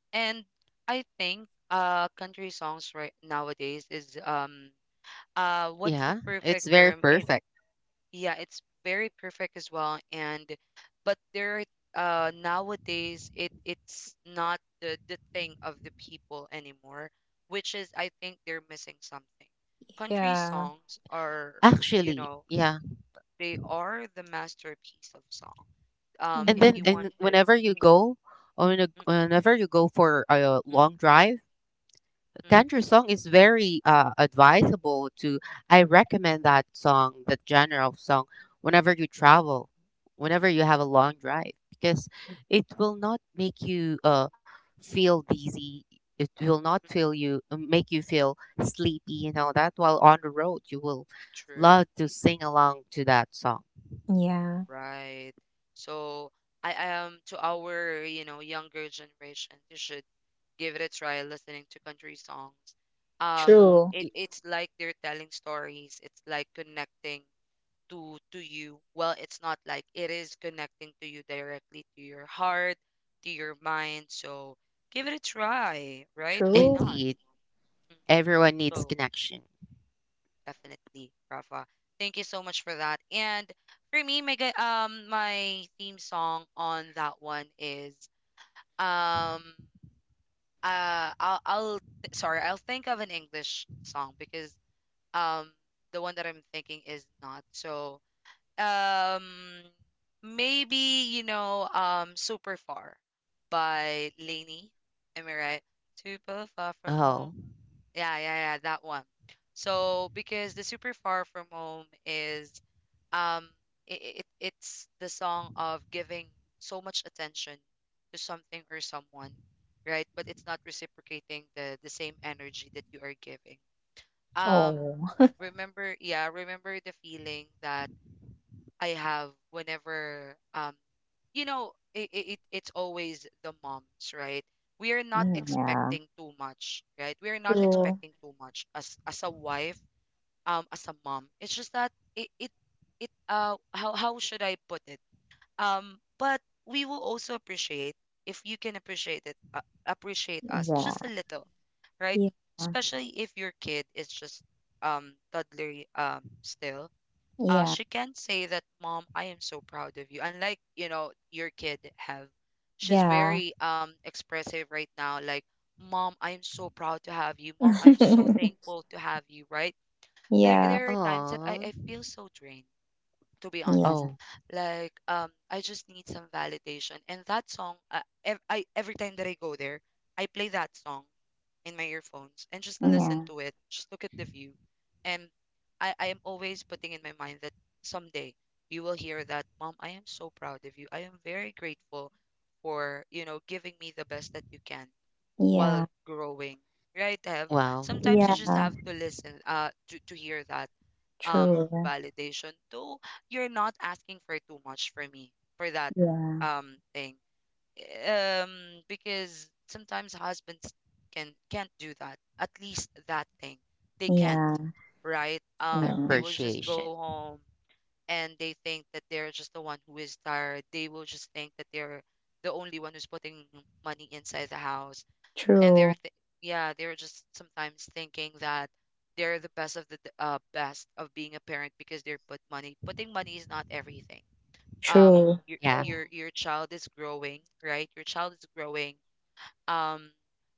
[SPEAKER 1] And I think country songs right nowadays is um, what's the
[SPEAKER 2] Yeah, it's
[SPEAKER 1] perfect
[SPEAKER 2] very
[SPEAKER 1] term? It.
[SPEAKER 2] perfect.
[SPEAKER 1] Yeah, it's very perfect as well. And but there nowadays it it's not the thing of the people anymore, which is I think they're missing something. Country songs are, you
[SPEAKER 2] Actually,
[SPEAKER 1] know,
[SPEAKER 2] yeah.
[SPEAKER 1] they are the masterpiece of song.
[SPEAKER 2] And
[SPEAKER 1] If
[SPEAKER 2] then
[SPEAKER 1] you
[SPEAKER 2] and
[SPEAKER 1] wanted,
[SPEAKER 2] whenever you
[SPEAKER 1] mm,
[SPEAKER 2] go, or
[SPEAKER 1] mm,
[SPEAKER 2] whenever you go for a
[SPEAKER 1] mm,
[SPEAKER 2] long drive,
[SPEAKER 1] mm, mm,
[SPEAKER 2] country song is very advisable to. I recommend that song, that genre of song, whenever you travel, whenever you have a long drive, because it will not make you feel dizzy. It will not
[SPEAKER 1] mm,
[SPEAKER 2] feel you make you feel sleepy. You know that while on the road, you will
[SPEAKER 1] true,
[SPEAKER 2] love to sing along to that song.
[SPEAKER 1] right. So I am to our, you know, younger generation, you should give it a try listening to country songs.
[SPEAKER 2] I-
[SPEAKER 1] It's like they're telling stories. It's like connecting to you. Well, it's not like it is connecting to you directly to your heart, to your mind. So give it a try, right? Why not?
[SPEAKER 2] Indeed,
[SPEAKER 1] Mm.
[SPEAKER 2] everyone needs
[SPEAKER 1] So
[SPEAKER 2] connection.
[SPEAKER 1] definitely, Rafa. Thank you so much for that. And for me, my my theme song on that one is um I'll sorry, I'll think of an English song because um the one that I'm thinking is not. So um maybe you know Super Far by Lainey. Am I right? Super far from
[SPEAKER 2] Oh,
[SPEAKER 1] home. Yeah, yeah, yeah, that one. So because the super far from home is um it it's the song of giving so much attention to something or someone, right? But it's not reciprocating the same energy that you are giving. Um remember, yeah, remember the feeling that I have whenever you know it it's always the moms, right? We are not expecting too much, right? We are not expecting too much as a wife, as a mom. It's just that it how should I put it? But we will also appreciate if you can appreciate it appreciate us just a little, right? Especially if your kid is just toddler still she can say that, Mom, I am so proud of you. Unlike, you know, your kid have. She's very expressive right now, like, Mom, I am so proud to have you. Mom, I'm so thankful to have you, right? There are times that
[SPEAKER 2] oh,
[SPEAKER 1] I feel so drained, to be honest.
[SPEAKER 2] oh,
[SPEAKER 1] Like, I just need some validation. And that song, I every time that I go there, I play that song in my earphones and just listen to it, just look at the view. And I am always putting in my mind that someday you will hear that, Mom, I am so proud of you. I am very grateful for, you know, giving me the best that you can while growing.
[SPEAKER 2] wow.
[SPEAKER 1] Right, Have.
[SPEAKER 2] Mhm.
[SPEAKER 1] Sometimes you just have to listen, to hear that um validation. Though you're not asking for too much for me for that thing, um because sometimes husbands can can't do that, at least that thing, they can't, right? They will just
[SPEAKER 2] Appreciation.
[SPEAKER 1] go home and they think that they're just the one who is tired. They will just think that they're the only one who's putting money inside the house, and yeah, they're just sometimes thinking that they're the best of the best of being a parent, because they're put money, putting money is not everything. um your
[SPEAKER 2] Yeah. Mm.
[SPEAKER 1] your your child is growing, right? Your child is growing, um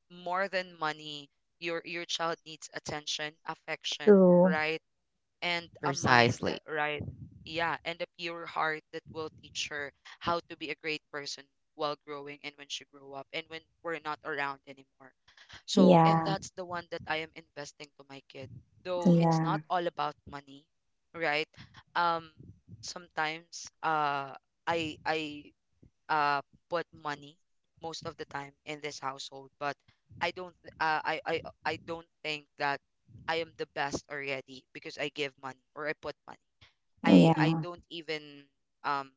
[SPEAKER 1] more than money, your child needs attention, affection, right? And a mind,
[SPEAKER 2] Precisely.
[SPEAKER 1] right? Yeah, and a pure heart that will teach her how to be a great person while growing and when she grow up and when we're not around anymore. So, and that's the one that I am investing to my kid. Though it's not all about money, right? Um, sometimes I uh put money most of the time in this household, but I don't I don't think that I am the best already because I give money or I put money. I don't even um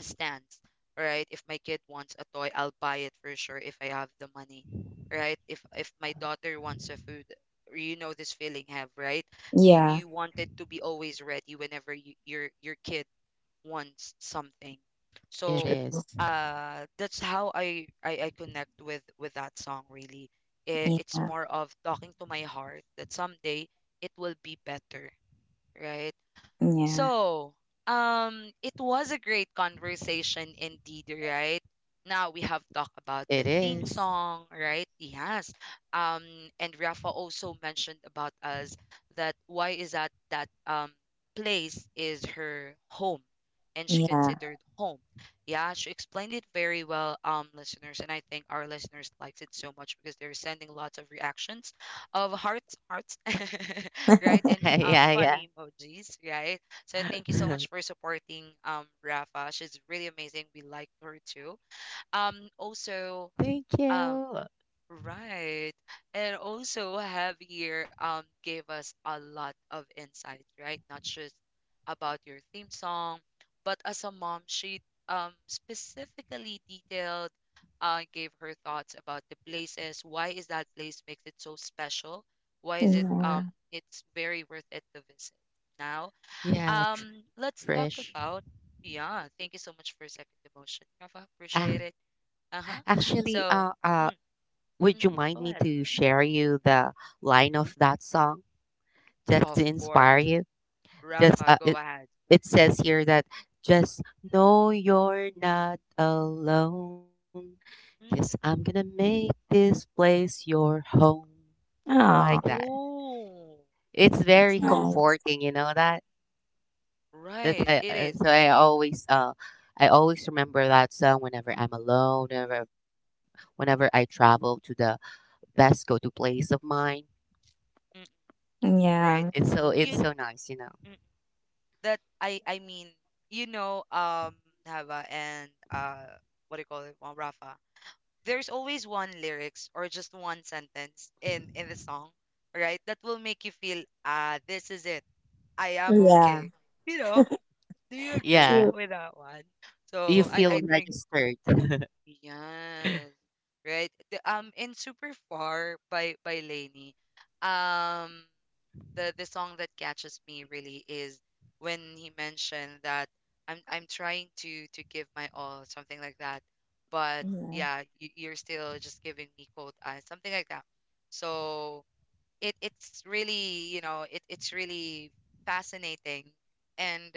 [SPEAKER 1] stand, right? If my kid wants a toy, I'll buy it for sure if I have the money, right? If my daughter wants a food, you know this feeling have, right? You wanted to be always ready whenever you, your kid wants something.
[SPEAKER 2] It
[SPEAKER 1] So
[SPEAKER 2] is.
[SPEAKER 1] that's how I connect with that song, really. I- It's more of talking to my heart that someday it will be better, right? So, it was a great conversation indeed, right? Now we have talked
[SPEAKER 2] It
[SPEAKER 1] about the
[SPEAKER 2] is.
[SPEAKER 1] theme song, right? Yes. Um, and Rafa also mentioned about us that why is that that place is her home and she considered home. Yeah, she explained it very well, listeners, and I think our listeners liked it so much because they're sending lots of reactions of hearts, hearts, right? And
[SPEAKER 2] Yeah, yeah.
[SPEAKER 1] funny emojis, right? So thank you so much for supporting Rafa. She's really amazing. We like her too.
[SPEAKER 2] Thank
[SPEAKER 1] Also
[SPEAKER 2] you.
[SPEAKER 1] um right. And also Javier gave us a lot of insights, right? Not just about your theme song, but as a mom, she specifically detailed gave her thoughts about the places. Why is that place makes it so special? Why is it it's very worth it to visit now?
[SPEAKER 2] Yeah, tr-
[SPEAKER 1] Let's talk
[SPEAKER 2] Trish.
[SPEAKER 1] about yeah, thank you so much for second emotion, Rafa. Appreciate it.
[SPEAKER 2] Uh,
[SPEAKER 1] Uh-huh.
[SPEAKER 2] actually,
[SPEAKER 1] So,
[SPEAKER 2] uh, uh,
[SPEAKER 1] mm,
[SPEAKER 2] would
[SPEAKER 1] mhm,
[SPEAKER 2] you
[SPEAKER 1] go
[SPEAKER 2] mind
[SPEAKER 1] ahead.
[SPEAKER 2] me to share you the line of that song
[SPEAKER 1] Of
[SPEAKER 2] just to
[SPEAKER 1] course.
[SPEAKER 2] inspire you?
[SPEAKER 1] Rafa,
[SPEAKER 2] Just
[SPEAKER 1] go
[SPEAKER 2] uh, it,
[SPEAKER 1] ahead.
[SPEAKER 2] it says here that just know you're not alone, cause I'm
[SPEAKER 1] Mm.
[SPEAKER 2] gonna make this place your home, like that.
[SPEAKER 1] Oh,
[SPEAKER 2] It's
[SPEAKER 1] that's
[SPEAKER 2] very
[SPEAKER 1] nice.
[SPEAKER 2] comforting, you know that? That's
[SPEAKER 1] Right,
[SPEAKER 2] I
[SPEAKER 1] it is.
[SPEAKER 2] so I always remember that song whenever I'm alone, whenever I travel to the best go-to place of mine.
[SPEAKER 1] Mm, right. You
[SPEAKER 2] It's so nice, you
[SPEAKER 1] mm,
[SPEAKER 2] know.
[SPEAKER 1] that I mean, you know, Hava and what do you call it? Well, Rafa. There's always one lyrics or just one sentence in the song, right? That will make you feel, ah, this is it. I am okay. You know, do you agree
[SPEAKER 2] Yeah.
[SPEAKER 1] with that one?
[SPEAKER 2] You
[SPEAKER 1] So I
[SPEAKER 2] feel
[SPEAKER 1] think
[SPEAKER 2] registered.
[SPEAKER 1] yes, right. In Super Far by Lainey, um the song that catches me really is when he mentioned that I'm trying to give my all, something like that. But yeah, you're still just giving me cold eyes, something like that. So it it's really you know it it's really fascinating and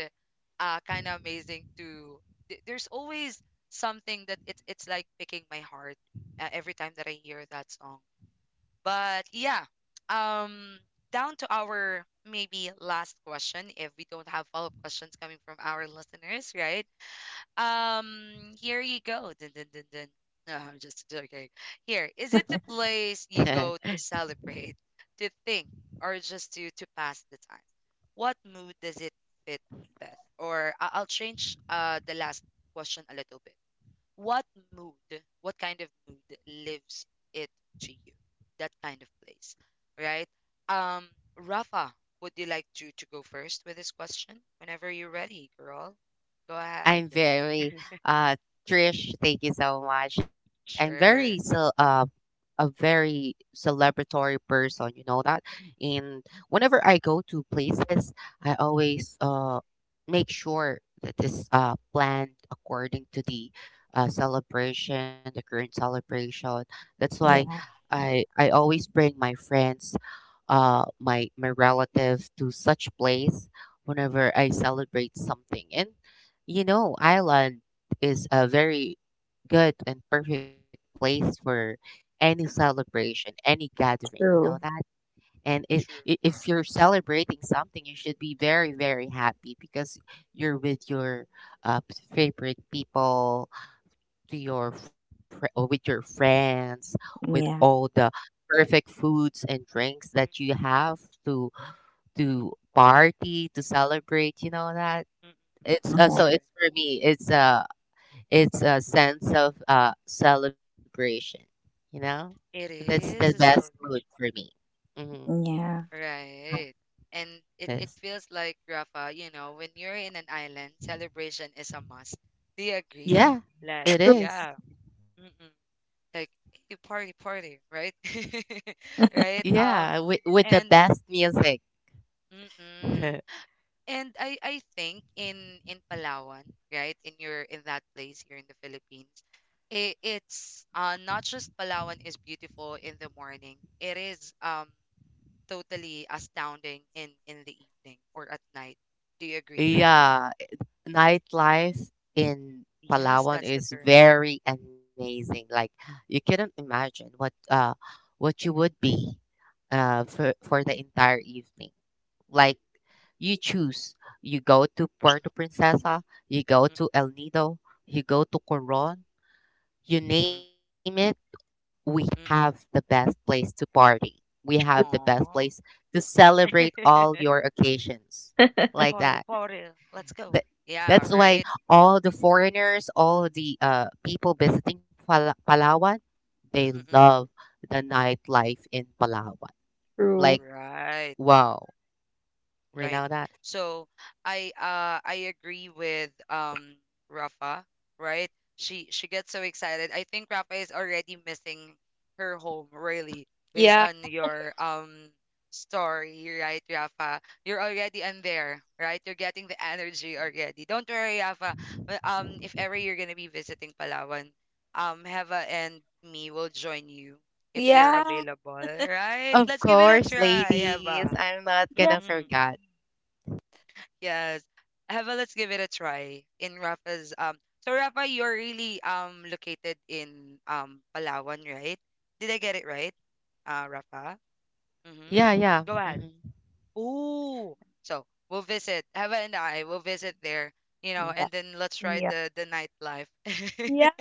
[SPEAKER 1] kind of amazing to there's always something that it's like picking my heart every time that I hear that song. But um, down to our maybe last question, if we don't have follow-up questions coming from our listeners, right? Here you go. Dun, dun, dun, dun. No, I'm just joking. Here, is it the place you go to celebrate, to think, or just to pass the time? What mood does it fit best? Or I'll change the last question a little bit. What mood, what kind of mood lives it to you? That kind of place, right? Um, Rafa, would you like to go first with this question? Whenever you're ready, girl, go ahead.
[SPEAKER 2] I'm very uh Trish, thank you so much. I'm
[SPEAKER 1] Sure.
[SPEAKER 2] very so a very celebratory person, you know that? And whenever I go to places, I always make sure that it's planned according to the celebration, the current celebration. That's why
[SPEAKER 1] Mm,
[SPEAKER 2] I always bring my friends, my relatives to such place whenever I celebrate something. And you know, Ireland is a very good and perfect place for any celebration, any gathering. You know that. And
[SPEAKER 1] true.
[SPEAKER 2] I- if you're celebrating something, you should be very very happy because you're with your uh, favorite people to your or with your friends, with all the perfect foods and drinks that
[SPEAKER 1] Mm,
[SPEAKER 2] you have to to party to celebrate. You know that
[SPEAKER 1] mm, mm. True.
[SPEAKER 2] it's for me. It's a sense of celebration. You know,
[SPEAKER 1] It
[SPEAKER 2] that's the
[SPEAKER 1] is a
[SPEAKER 2] best mood for
[SPEAKER 1] celebration.
[SPEAKER 2] me. Mm-hmm.
[SPEAKER 1] Right. And it
[SPEAKER 2] Yes.
[SPEAKER 1] feels like, Rafa, you know, when you're in an island, celebration is a must. Do you agree?
[SPEAKER 2] Yeah,
[SPEAKER 1] Like,
[SPEAKER 2] it is.
[SPEAKER 1] yeah. Mm-mm. Like, "Hey, party party right." Right.
[SPEAKER 2] Yeah, with the
[SPEAKER 1] And
[SPEAKER 2] best music.
[SPEAKER 1] Mm-mm. And I think in Palawan, right, in your in that place here in the Philippines, it's not just Palawan is beautiful in the morning, it is totally astounding in the evening or at night. Do you agree, Rafa?
[SPEAKER 2] Yeah, nightlife in
[SPEAKER 1] Yes,
[SPEAKER 2] Palawan
[SPEAKER 1] that's the
[SPEAKER 2] is
[SPEAKER 1] term.
[SPEAKER 2] very amazing. Like you couldn't imagine what you would be for the entire evening. Like you choose. You go to Puerto Princesa, you go to El Nido, you go to Coron,
[SPEAKER 1] Mm,
[SPEAKER 2] you
[SPEAKER 1] mm-mm,
[SPEAKER 2] name it, we have the
[SPEAKER 1] mm-mm.
[SPEAKER 2] best place to party. We have the best place
[SPEAKER 1] Aww.
[SPEAKER 2] to celebrate all your occasions. Like that.
[SPEAKER 1] Party party, let's
[SPEAKER 2] Th-
[SPEAKER 1] go.
[SPEAKER 2] That's
[SPEAKER 1] Yeah,
[SPEAKER 2] why
[SPEAKER 1] right.
[SPEAKER 2] all the
[SPEAKER 1] Mm,
[SPEAKER 2] foreigners, all the people visiting Palawan,
[SPEAKER 1] mm,
[SPEAKER 2] they
[SPEAKER 1] mm, mm.
[SPEAKER 2] love the nightlife in Palawan. Like,
[SPEAKER 1] Right.
[SPEAKER 2] wow, you
[SPEAKER 1] Right.
[SPEAKER 2] know that?
[SPEAKER 1] So I agree with Rafa, right? She gets so excited. I think Rafa is already missing her home really based on your story, right, Rafa? You're already in there, right? You're getting the energy already. Don't worry, Rafa. If ever you're going to be visiting Palawan, Heva and me will join you if we are available, right?
[SPEAKER 2] Of
[SPEAKER 1] Let's give it a
[SPEAKER 2] course,
[SPEAKER 1] try,
[SPEAKER 2] ladies,
[SPEAKER 1] Heva.
[SPEAKER 2] I'm not gonna
[SPEAKER 1] Mm-hmm.
[SPEAKER 2] forget.
[SPEAKER 1] Yes. Have a, let's give it a try in Rafa's so Rafa, you're really located in Palawan, right? Did I get it right? Rafa? Mm-hmm.
[SPEAKER 2] Yeah, yeah.
[SPEAKER 1] Go ahead.
[SPEAKER 2] Mhm.
[SPEAKER 1] Ooh. So we'll visit. Hava and I will visit there, you know, and then let's try the nightlife.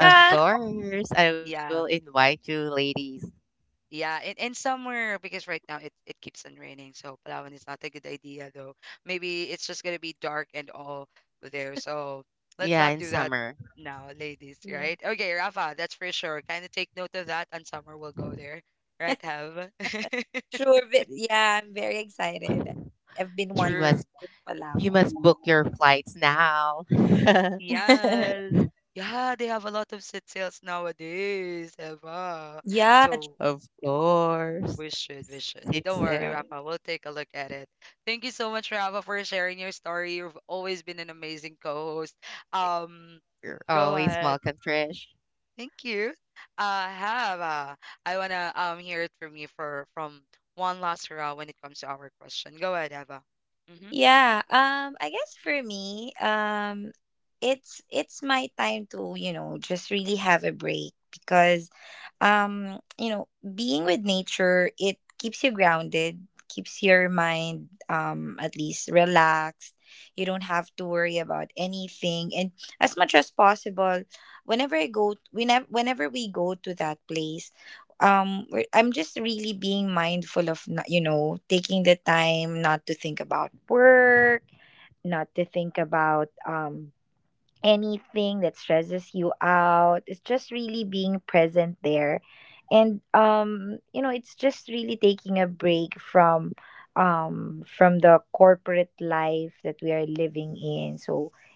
[SPEAKER 2] Of course, I will
[SPEAKER 1] Yeah.
[SPEAKER 2] invite you, ladies.
[SPEAKER 1] Yeah, and somewhere because right now it keeps on raining, so Palawan is not a good idea though. Maybe it's just gonna be dark and all there. So let's
[SPEAKER 2] Yeah,
[SPEAKER 1] not
[SPEAKER 2] in
[SPEAKER 1] do that
[SPEAKER 2] summer,
[SPEAKER 1] now, ladies, right? Okay, Rafa, that's for sure. Kinda take note of that and summer will go there. Right, Have?
[SPEAKER 2] you
[SPEAKER 1] True.
[SPEAKER 2] must you must book your flights now.
[SPEAKER 1] Yes. Yeah, they have a lot of sit sales nowadays, Eva.
[SPEAKER 2] Of
[SPEAKER 1] So
[SPEAKER 2] course,
[SPEAKER 1] we should, we
[SPEAKER 2] sit
[SPEAKER 1] should. Don't
[SPEAKER 2] so.
[SPEAKER 1] worry, Rafa. We'll take a look at it. Thank you so much, Rafa, for sharing your story. You've always been an amazing co-host. Um,
[SPEAKER 2] You're
[SPEAKER 1] go
[SPEAKER 2] always
[SPEAKER 1] ahead.
[SPEAKER 2] welcome, Trish.
[SPEAKER 1] Thank you. Hava, I wanna hear it from you for from one last round when it comes to our question. Go ahead, Hava. Mm-hmm.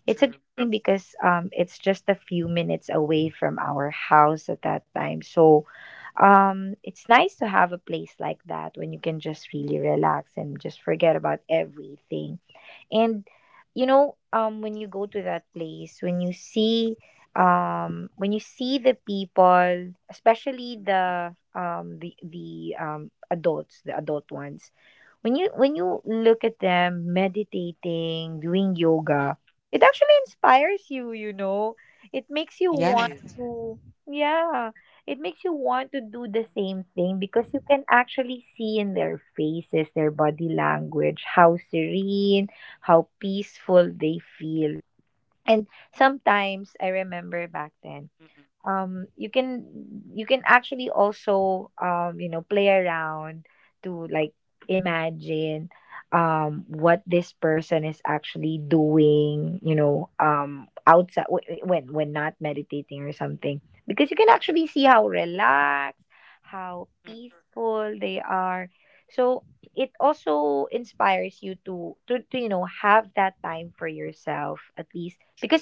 [SPEAKER 1] True. Mm-mm. Mm-mm. It
[SPEAKER 2] Yeah,
[SPEAKER 1] is. Mm-mm. Mm-mm. True.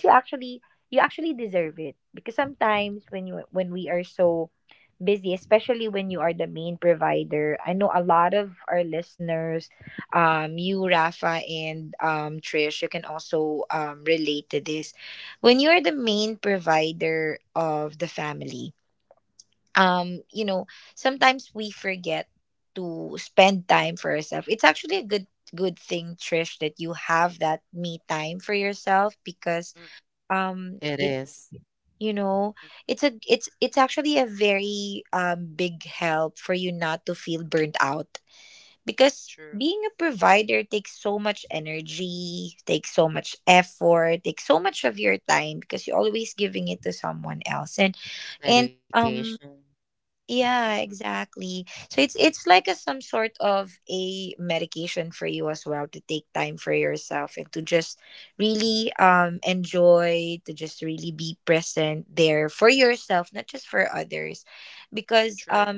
[SPEAKER 1] Mm-mm. Mm-mm.
[SPEAKER 2] it is
[SPEAKER 1] Mm-mm. True.
[SPEAKER 2] dedication.
[SPEAKER 1] Mm-mm. True.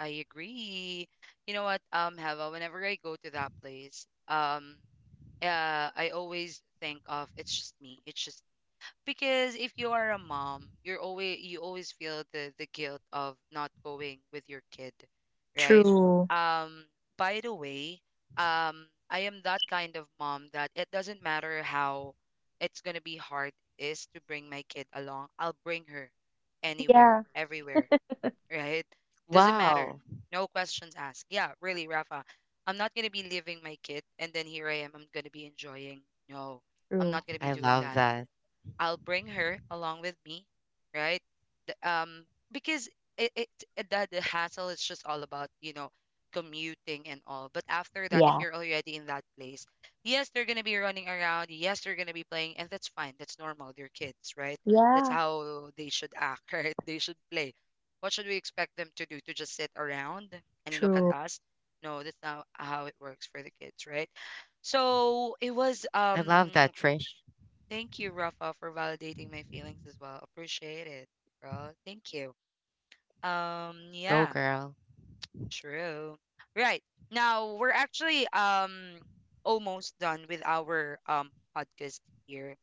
[SPEAKER 1] I agree. You know what, Hava, whenever I go to that place, I always think of it's just me. It's just because if you are a mom, you're always you always feel the guilt of not going with your kid, right? Um, by the way, I am that kind of mom that it doesn't matter how it's gonna be hard it is to bring my kid along. I'll bring her anywhere, everywhere, right?
[SPEAKER 2] Wow,
[SPEAKER 1] Doesn't matter. No questions asked. Yeah, really, Rafa. I'm not going to be leaving my kid and then here I am. I'm going to be enjoying. No, I'm not going to
[SPEAKER 2] I
[SPEAKER 1] be doing
[SPEAKER 2] love
[SPEAKER 1] that.
[SPEAKER 2] that.
[SPEAKER 1] I'll bring her along with me, right? Because it, it the hassle is just all about you know commuting and all. But after that, if you're already in that place, yes, they're gonna be running around. Yes, they're gonna be playing, and that's fine. That's normal. They're kids, right? That's how they should act, right? They should play. What should we expect them to do? To just sit around and look at us? No, that's not how it works for the kids, right? So
[SPEAKER 2] I
[SPEAKER 1] it
[SPEAKER 2] love
[SPEAKER 1] was.
[SPEAKER 2] that, Trish.
[SPEAKER 1] Thank you, Rafa, for validating my feelings as well. Appreciate it, bro. Thank you.
[SPEAKER 2] Go, girl.
[SPEAKER 1] Yeah, true. Right. Now we're actually almost done with our podcast here.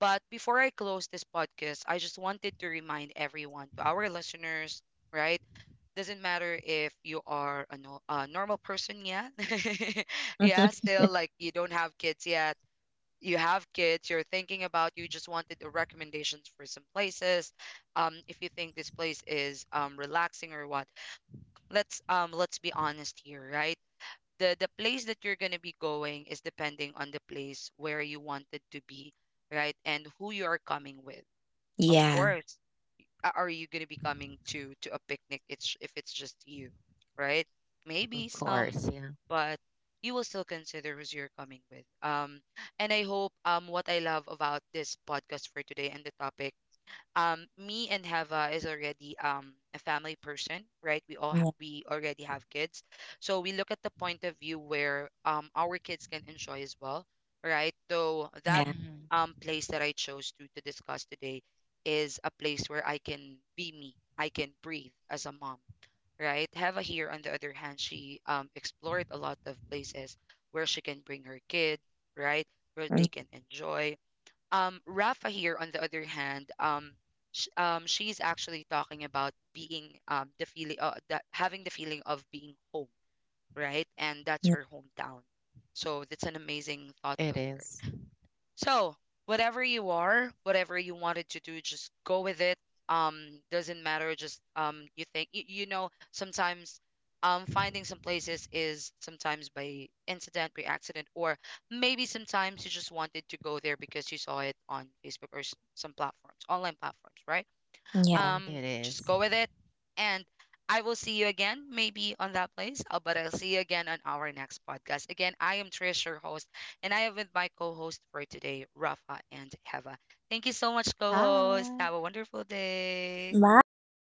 [SPEAKER 1] But before I close this podcast, I just wanted to remind everyone, to our listeners, right? Doesn't matter if you are a, no, a normal person yet. Yeah, still like you don't have kids yet, you have kids, you're thinking about, you just wanted the recommendations for some places. If you think this place is relaxing or what, let's be honest here, right? The place that you're gonna be going is depending on the place where you wanted to be, right? And who you are coming with, of course. Are you going to be coming to a picnic? It's if it's just you, right,
[SPEAKER 2] Of
[SPEAKER 1] maybe
[SPEAKER 2] course,
[SPEAKER 1] some.
[SPEAKER 2] yeah.
[SPEAKER 1] But you will still consider who's you're coming with. And I hope what I love about this podcast for today and the topic, me and Heva is already a family person, right? We all we already have kids. So we look at the point of view where our kids can enjoy as well, right? Though that
[SPEAKER 2] Mhm.
[SPEAKER 1] place that I chose to discuss today is a place where I can be me. I can breathe as a mom, right? Heva here on the other hand, she explored a lot of places where she can bring her kid, right? Where they can enjoy. Rafa here on the other hand, she's actually talking about being the feeling that having the feeling of being home, right? And that's her hometown. So
[SPEAKER 2] It
[SPEAKER 1] that's an
[SPEAKER 2] is.
[SPEAKER 1] amazing thought. So, Whatever you are, whatever you wanted to do, just go with it. Doesn't matter. Just you think you, you know. Sometimes, finding some places is sometimes by incident, by accident, or maybe sometimes you just wanted to go there because you saw it on Facebook or some platforms, online platforms, right?
[SPEAKER 2] It
[SPEAKER 1] um
[SPEAKER 2] is.
[SPEAKER 1] just go with it. And I will see you again maybe on that place, but I'll see you again on our next podcast. Again, I am Trish, your host, and I am with my co-host for today, Rafa and Heva. Thank you so much,
[SPEAKER 2] Hi.
[SPEAKER 1] co-host. Have a wonderful day.
[SPEAKER 2] Thank you